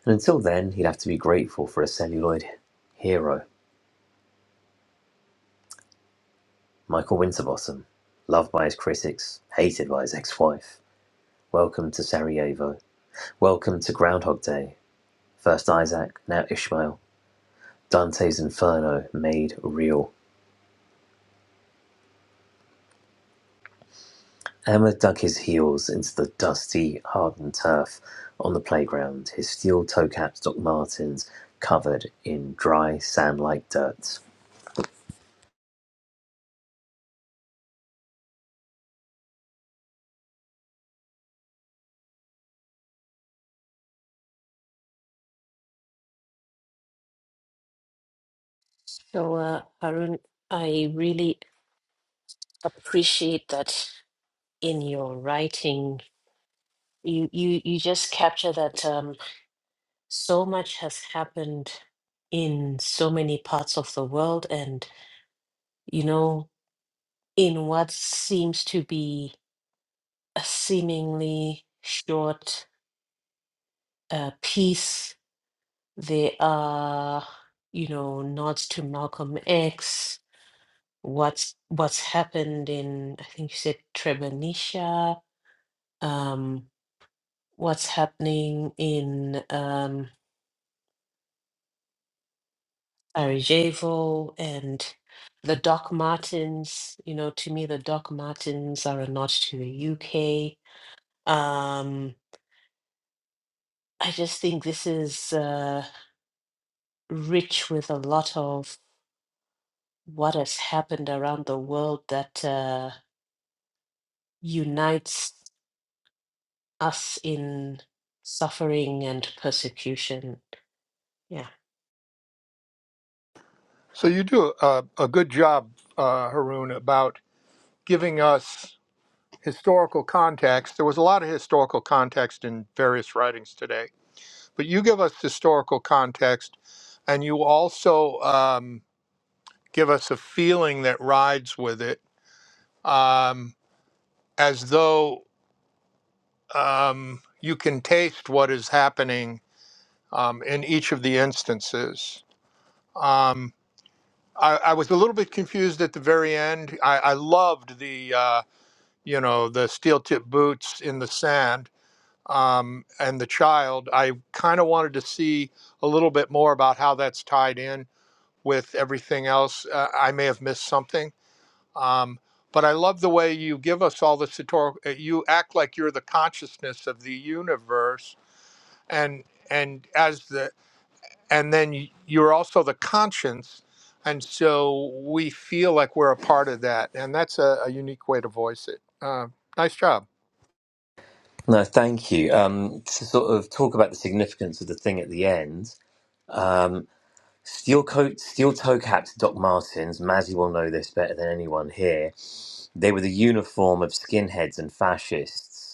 And until then, he'd have to be grateful for a celluloid hero, Michael Winterbottom, loved by his critics, hated by his ex wife. Welcome to Sarajevo. Welcome to Groundhog Day. First Isaac, now Ishmael, Dante's Inferno made real. Emma dug his heels into the dusty, hardened turf on the playground, his steel toe-capped Doc Martens covered in dry, sand-like dirt.
So, uh, Harun, I really appreciate that in your writing. You you you just capture that. Um, so much has happened in so many parts of the world and you know in what seems to be a seemingly short uh, piece there are you know nods to malcolm x what's what's happened in i think you said treblinka um what's happening in um, Barry and the Doc Martens. You know, to me, the Doc Martens are a nod to the UK. Um, I just think this is uh, rich with a lot of what has happened around the world that uh, unites us in suffering and persecution. Yeah.
So you do a, a good job, uh, Haroon, about giving us historical context. There was a lot of historical context in various writings today, but you give us historical context and you also um, give us a feeling that rides with it um, as though um, you can taste what is happening um, in each of the instances. Um, I, I was a little bit confused at the very end. I, I loved the uh, you know the steel tip boots in the sand um, and the child. I kind of wanted to see a little bit more about how that's tied in with everything else. Uh, I may have missed something. Um, but I love the way you give us all this historical. You act like you're the consciousness of the universe, and and as the and then you're also the conscience and so we feel like we're a part of that and that's a, a unique way to voice it uh, nice job
No, thank you. Um, to sort of talk about the significance of the thing at the end, um, steel coat, steel toe capped Doc Martens. Mazzy will know this better than anyone here. They were the uniform of skinheads and fascists.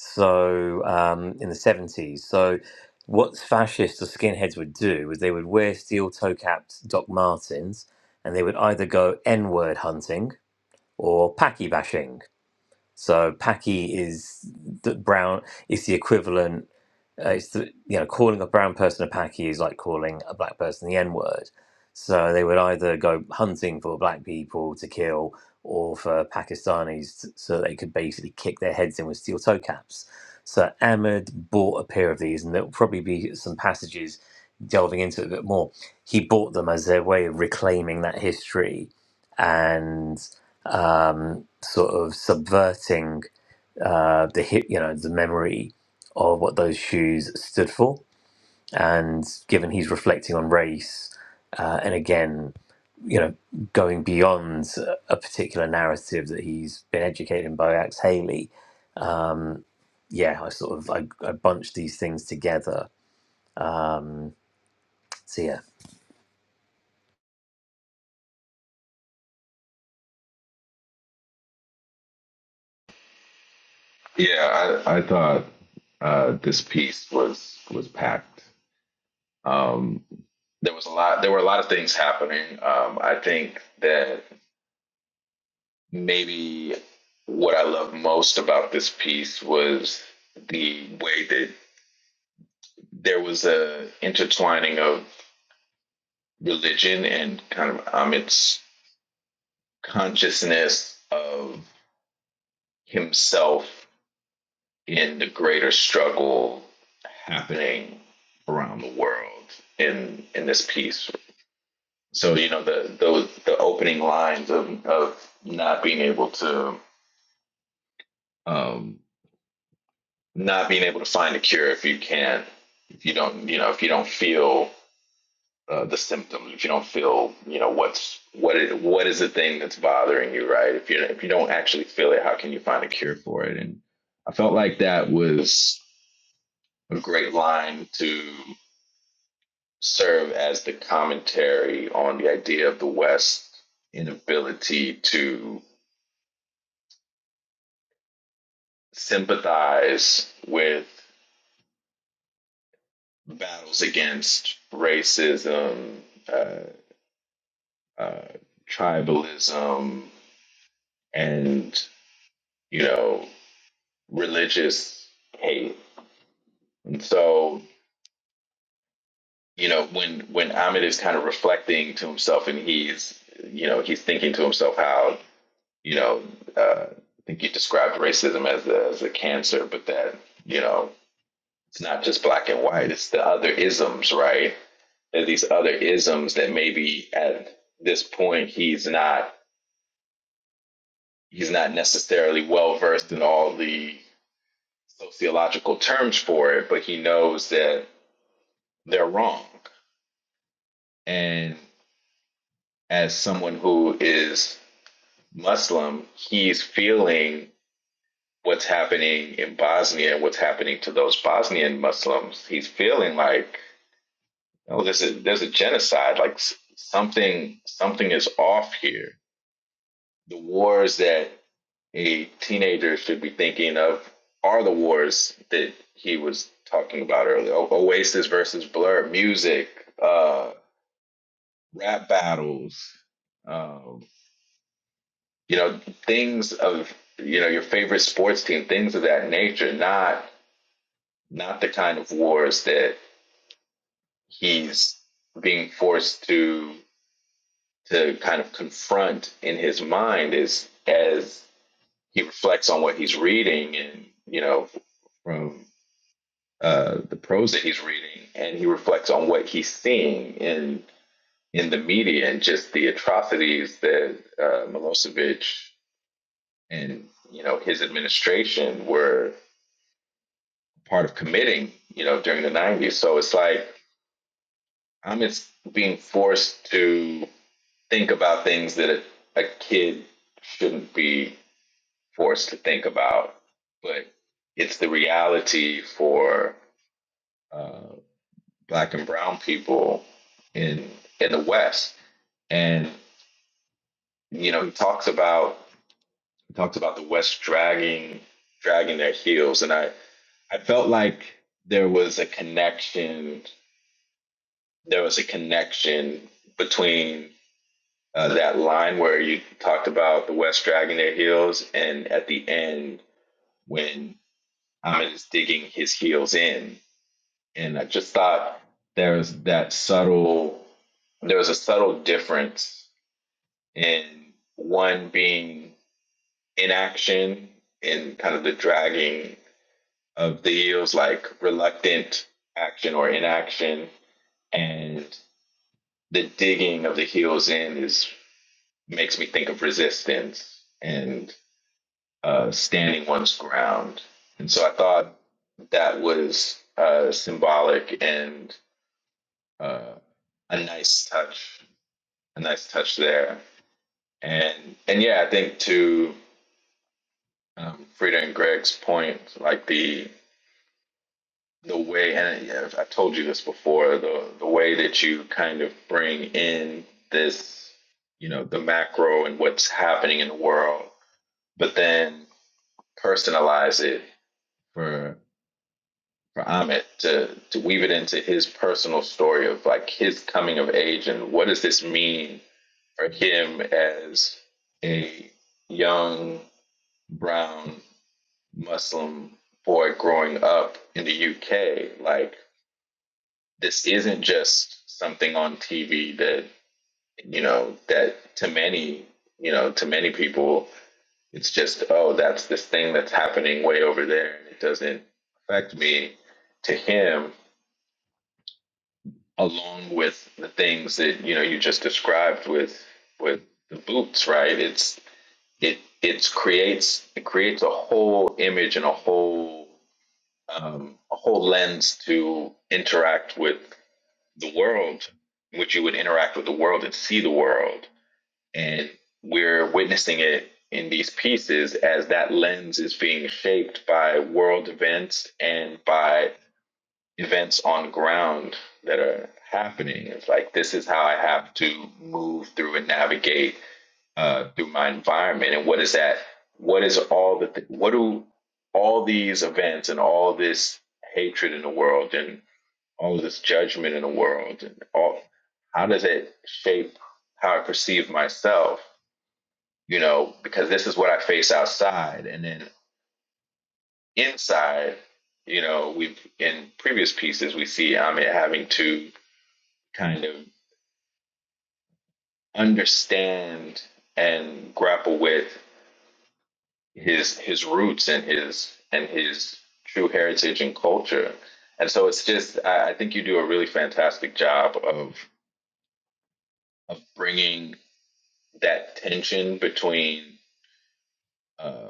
so um, in the 70s. So, what fascists or skinheads would do is they would wear steel toe capped Doc Martens and they would either go N word hunting or Paki bashing. So, Paki is the brown, it's the equivalent uh, it's the, you know calling a brown person a paki is like calling a black person the N word. So they would either go hunting for black people to kill or for Pakistanis t- so they could basically kick their heads in with steel toe caps. So Ahmed bought a pair of these, and there'll probably be some passages delving into it a bit more. He bought them as their way of reclaiming that history and um, sort of subverting uh, the hit, you know, the memory of what those shoes stood for. And given he's reflecting on race, uh, and again, you know, going beyond a a particular narrative that he's been educated in by Axe Haley, yeah, I sort of I, I bunched these things together. So yeah,
Yeah, I, I thought uh, this piece was was packed. Um, There was a lot. There were a lot of things happening. Um, I think that maybe what I love most about this piece was the way that there was a intertwining of religion and kind of Amit's consciousness of himself in the greater struggle happening around the world in in this piece. So you know the those the opening lines of of not being able to um, not being able to find a cure if you can't if you don't you know if you don't feel uh, the symptoms if you don't feel you know what's what is, what is the thing that's bothering you right if you if you don't actually feel it how can you find a cure for it and i felt like that was a great line to serve as the commentary on the idea of the west inability to sympathize with battles against racism uh, uh, tribalism and you know religious hate. And so you know when when Ahmed is kind of reflecting to himself and he's you know he's thinking to himself how you know uh, I think you described racism as a, as a cancer, but that you know it's not just black and white; it's the other isms, right? There's these other isms that maybe at this point he's not he's not necessarily well versed in all the sociological terms for it, but he knows that they're wrong. And as someone who is Muslim, he's feeling what's happening in Bosnia, what's happening to those Bosnian Muslims. He's feeling like, oh, this is there's a genocide. Like something something is off here. The wars that a teenager should be thinking of are the wars that he was talking about earlier. O- Oasis versus Blur, music, uh, rap battles, um, you know, things of you know your favorite sports team, things of that nature. Not not the kind of wars that he's being forced to to kind of confront in his mind as as he reflects on what he's reading and you know from uh, the prose that he's reading, and he reflects on what he's seeing in in the media and just the atrocities that uh, Milosevic and you know his administration were part of committing you know during the 90s so it's like i'm it's being forced to think about things that a, a kid shouldn't be forced to think about but it's the reality for uh, black and brown people in in the west and you know he talks about he talks about the west dragging dragging their heels and I. I felt like there was a connection. There was a connection between uh, that line where you talked about the West dragging their heels, and at the end when Ahmed is digging his heels in, and I just thought there was that subtle. There was a subtle difference in one being inaction and kind of the dragging of the heels, like reluctant action or inaction, and the digging of the heels in is makes me think of resistance and uh, standing one's ground. And so I thought that was uh, symbolic and uh, a nice touch, a nice touch there. And and yeah, I think to um, Frida and Greg's point, like the the way and I- have I've told you this before the the way that you kind of bring in this you know the macro and what's happening in the world but then personalize it for for Amit to to weave it into his personal story of like his coming of age and what does this mean for him as a young brown Muslim boy growing up in the UK like this isn't just something on TV that you know that to many you know to many people it's just oh that's this thing that's happening way over there and it doesn't affect me to him along with the things that you know you just described with with the boots right it's it it's creates it creates a whole image and a whole um, a whole lens to interact with the world, in which you would interact with the world and see the world. And we're witnessing it in these pieces as that lens is being shaped by world events and by events on ground that are happening. It's like this is how I have to move through and navigate uh, through my environment. And what is that? What is all the? Th- what do all these events and all this hatred in the world and all of this judgment in the world and all how does it shape how I perceive myself, you know, because this is what I face outside and then inside, you know, we've in previous pieces we see Amit having to kind of understand and grapple with his his roots and his and his true heritage and culture. And so it's just I, I think you do a really fantastic job of of bringing that tension between uh,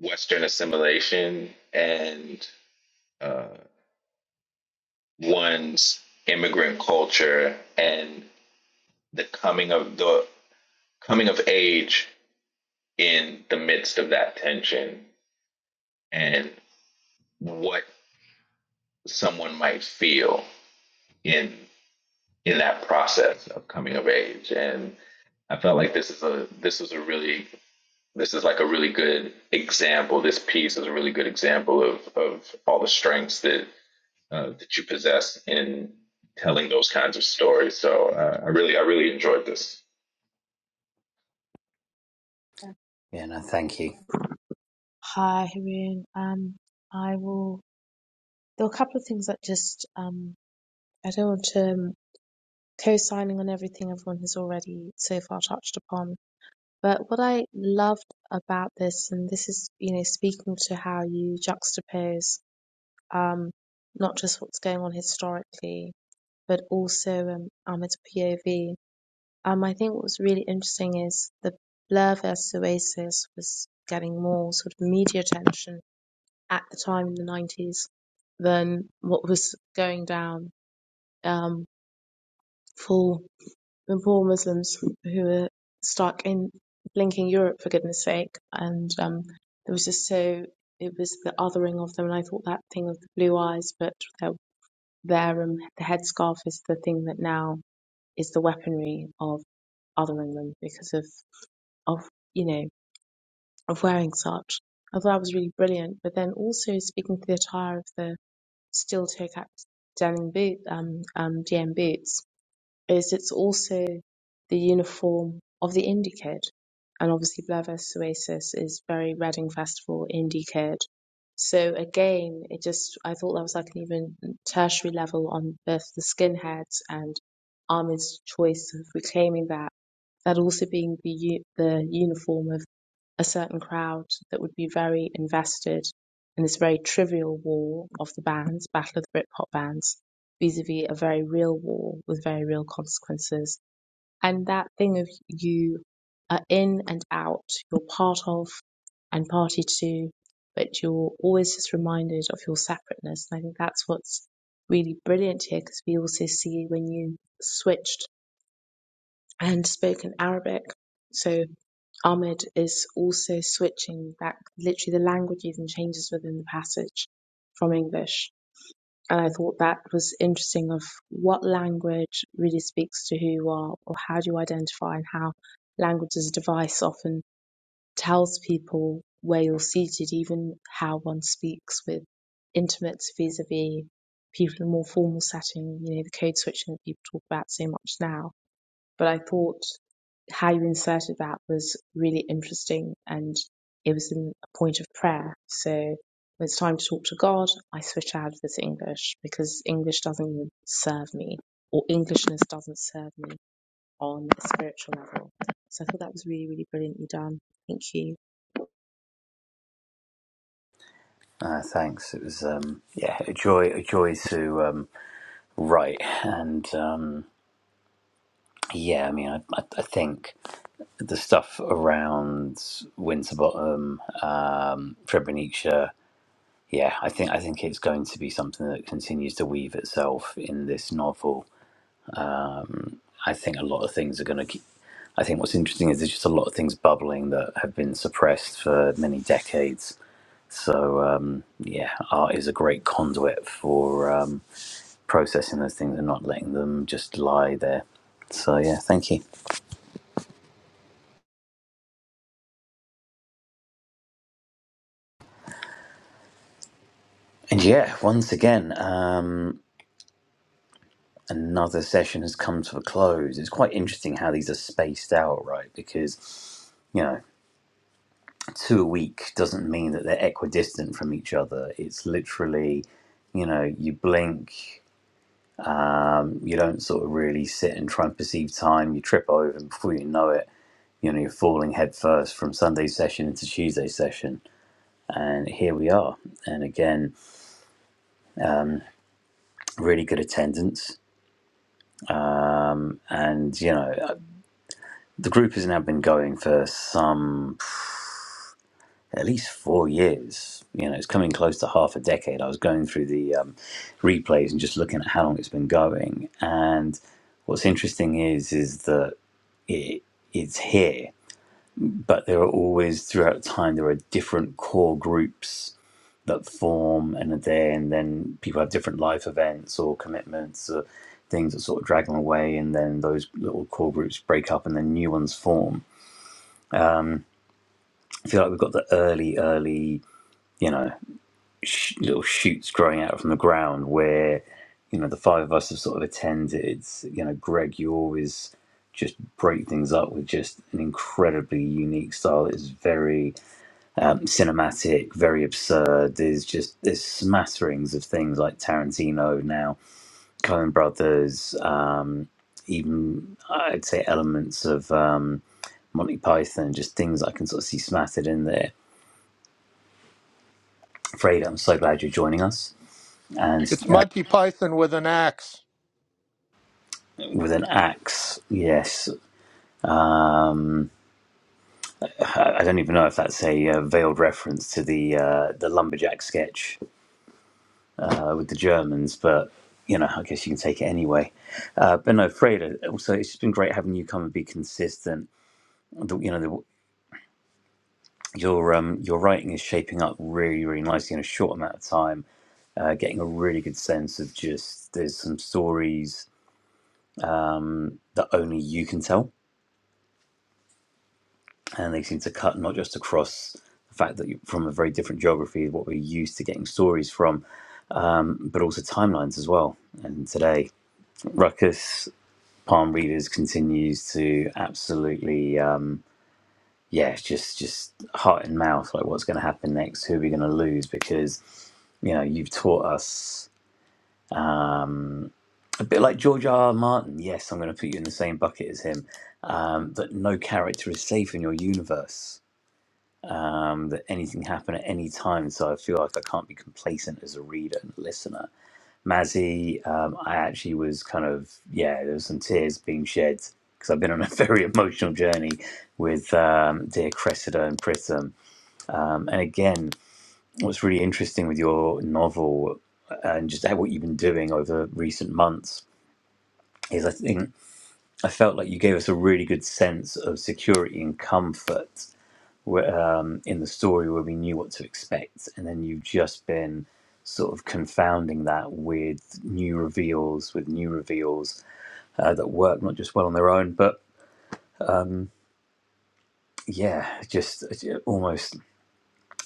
Western assimilation and uh, one's immigrant culture and the coming of the coming of age in the midst of that tension and what someone might feel in in that process of coming of age and I felt like this is a this is a really this is like a really good example. This piece is a really good example of of all the strengths that uh, that you possess in telling those kinds of stories. So uh, I really, I really enjoyed this.
Um,
yeah, no, thank you.
Hi, Haroon. Um, I will. There are a couple of things that just um, I don't want to um, co-signing on everything everyone has already so far touched upon. But what I loved about this, and this is you know speaking to how you juxtapose um, not just what's going on historically, but also um, Ahmed's POV Um, I think what was really interesting is the Blur versus Oasis was getting more sort of media attention at the time in the 90s than what was going down um, for the poor Muslims who were stuck in blinking Europe for goodness sake. And um, it was just so, it was the othering of them. And I thought that thing of the blue eyes, but they're there and the headscarf is the thing that now is the weaponry of othering them because of of you know of wearing such. I thought that was really brilliant. But then also speaking to the attire of the steel toe capped denim boot um, um DM boots is it's also the uniform of the indie kid, and obviously Blur vs Oasis is very Reading Festival indie kid. So again, it just I thought that was like an even tertiary level on both the skinheads and Armin's choice of reclaiming that that also being the u- the uniform of a certain crowd that would be very invested in this very trivial war of the bands, Battle of the Britpop bands, vis a vis a very real war with very real consequences. And that thing of you are in and out, you're part of and party to, but you're always just reminded of your separateness. And I think that's what's really brilliant here because we also see when you switched and spoke in Arabic. So Ahmed is also switching back literally the languages and changes within the passage from English. And I thought that was interesting of what language really speaks to who you are or how do you identify and how language as a device often tells people where you're seated, even how one speaks with intimates vis-a-vis people in a more formal setting, you know, the code switching that people talk about so much now but I thought how you inserted that was really interesting and it was in a point of prayer. So when it's time to talk to God, I switch out of this English because English doesn't serve me or Englishness doesn't serve me on a spiritual level. So I thought that was really, really brilliantly done. Thank you.
Uh, thanks. It was um, yeah, a joy, a joy to um, write, and um, yeah, I mean, I, I, I think. the stuff around Winterbottom, um, Trebonitsa, yeah, I think I think it's going to be something that continues to weave itself in this novel. I think a lot of things are going to keep. I think what's interesting is there's just a lot of things bubbling that have been suppressed for many decades. So um, yeah, art is a great conduit for um, processing those things and not letting them just lie there. So yeah, thank you. And yeah, once again. um, another session has come to a close. It's quite interesting how these are spaced out, right? Because, you know, two a week doesn't mean that they're equidistant from each other. It's literally, you know, you blink, you don't sort of really sit and try and perceive time, you trip over, and before you know it, you know, you're falling headfirst from Sunday session into Tuesday session. And here we are. And again, really good attendance. And, you know, the group has now been going for some at least four years. You know, it's coming close to half a decade. I was going through the um, replays and just looking at how long it's been going. And what's interesting is is that it it's here, but there are always throughout time there are different core groups that form and are there, and then people have different life events or commitments or things that sort of drag them away, and then those little core groups break up and then new ones form. I feel like we've got the early, early. You know, sh- little shoots growing out from the ground where you know the five of us have sort of attended you know greg you always just break things up with just an incredibly unique style it's very um, cinematic very absurd there's just there's smatterings of things like tarantino now Coen brothers um, even i'd say elements of um, monty python just things i can sort of see smattered in there Freda, I'm so glad you're joining us. And
it's
uh,
monty python with an axe
with an axe. Yes, um, I don't even know if that's a uh, veiled reference to the uh, the lumberjack sketch uh, with the Germans, but you know, I guess you can take it anyway. Uh, but no, Freda. Also, it's just been great having you come and be consistent. The, you know, the, your um, your writing is shaping up really, really nicely in a short amount of time. Uh, getting a really good sense of just there's some stories that only you can tell and they seem to cut not just across the fact that you from a very different geography, what we're used to getting stories from, um, but also timelines as well. And today, Ruckus Palm Readers continues to absolutely, um, yeah, it's just just heart and mouth, like what's going to happen next, who are we going to lose? Because you know you've taught us a bit like George R. R. Martin. Yes, I'm going to put you in the same bucket as him. Um, that no character is safe in your universe um, that anything happen at any time. So I feel like I can't be complacent as a reader and a listener. Mazzy, um, I actually was kind of, yeah, there was some tears being shed because I've been on a very emotional journey with um, dear Cressida and Prism. Um, and again, what's really interesting with your novel uh, and just how- what you've been doing over recent months is I think I felt like you gave us a really good sense of security and comfort wh- um, in the story where we knew what to expect, and then you've just been sort of confounding that with new reveals, with new reveals uh, that work not just well on their own, but yeah, just uh, yeah, almost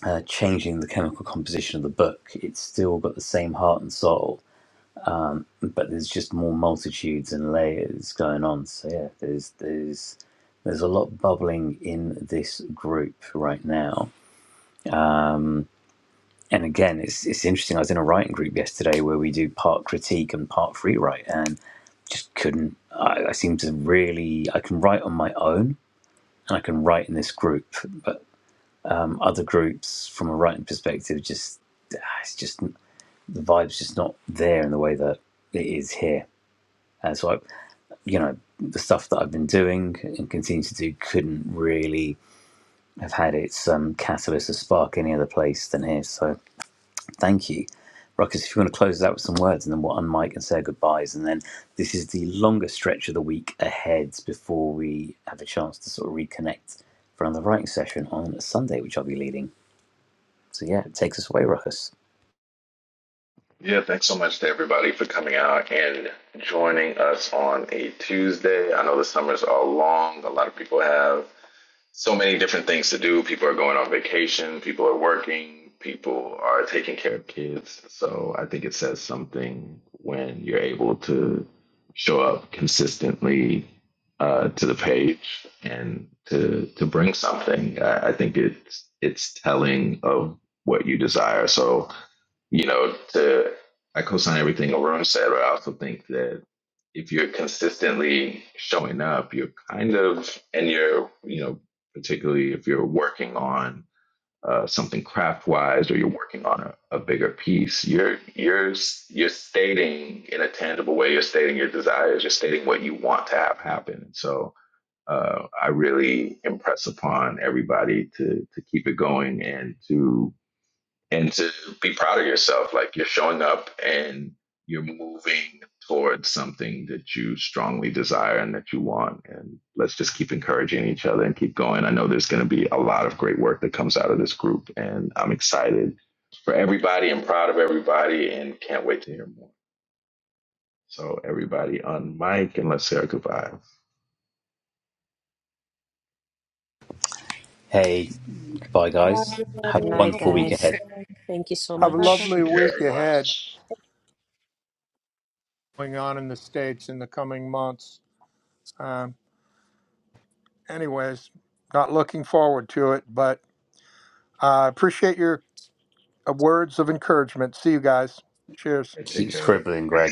uh, changing the chemical composition of the book. It's still got the same heart and soul, but there's just more multitudes and layers going on. So yeah, there's there's there's a lot bubbling in this group right now. and again, it's it's interesting. I was in a writing group yesterday where we do part critique and part free write, and just couldn't. I, I seem to really. I can write on my own, and I can write in this group, but um, other groups, from a writing perspective, just ah, it's just the vibe's just not there in the way that it is here. And so, I, you know, the stuff that I've been doing and continue to do couldn't really have had its um, catalyst or spark any other place than here. So Thank you. Ruckus, if you want to close us out with some words and then we'll unmic and say our goodbyes. And then this is the longest stretch of the week ahead before we have a chance to sort of reconnect for another writing session on Sunday, which I'll be leading. So yeah, it takes us away, Ruckus.
Yeah, thanks so much to everybody for coming out and joining us on a Tuesday. I know the summers are long. A lot of people have so many different things to do. People are going on vacation, people are working, people are taking care of kids. So I think it says something when you're able to show up consistently uh, to the page and to to bring something. I, I think it's it's telling of what you desire. So you know, to I co-sign everything Arun said, but I also think that if you're consistently showing up, you're kind of, and you're, you know, particularly if you're working on uh, something craft-wise or you're working on a, a bigger piece, you're you're you're stating in a tangible way, you're stating your desires, you're stating what you want to have happen. And so uh, I really impress upon everybody to to keep it going and to and to be proud of yourself. Like you're showing up and you're moving towards something that you strongly desire and that you want. And let's just keep encouraging each other and keep going. I know there's going to be a lot of great work that comes out of this group, and I'm excited for everybody and proud of everybody and can't wait to hear more. So, everybody on mic, and let's say our goodbye.
Hey, goodbye,
Bye,
guys. Have
Good
a
everybody.
night,
Have a
wonderful week
wonderful
guys.
ahead.
one.
Thank you so
have a
Bye, guys.
much.
lovely
Take care,
week
everyone. All
ahead going on in the states in the coming months um, anyways not looking forward to it but i appreciate your uh, words of encouragement see you guys cheers
right, take
Keep
care.
scribbling, Greg.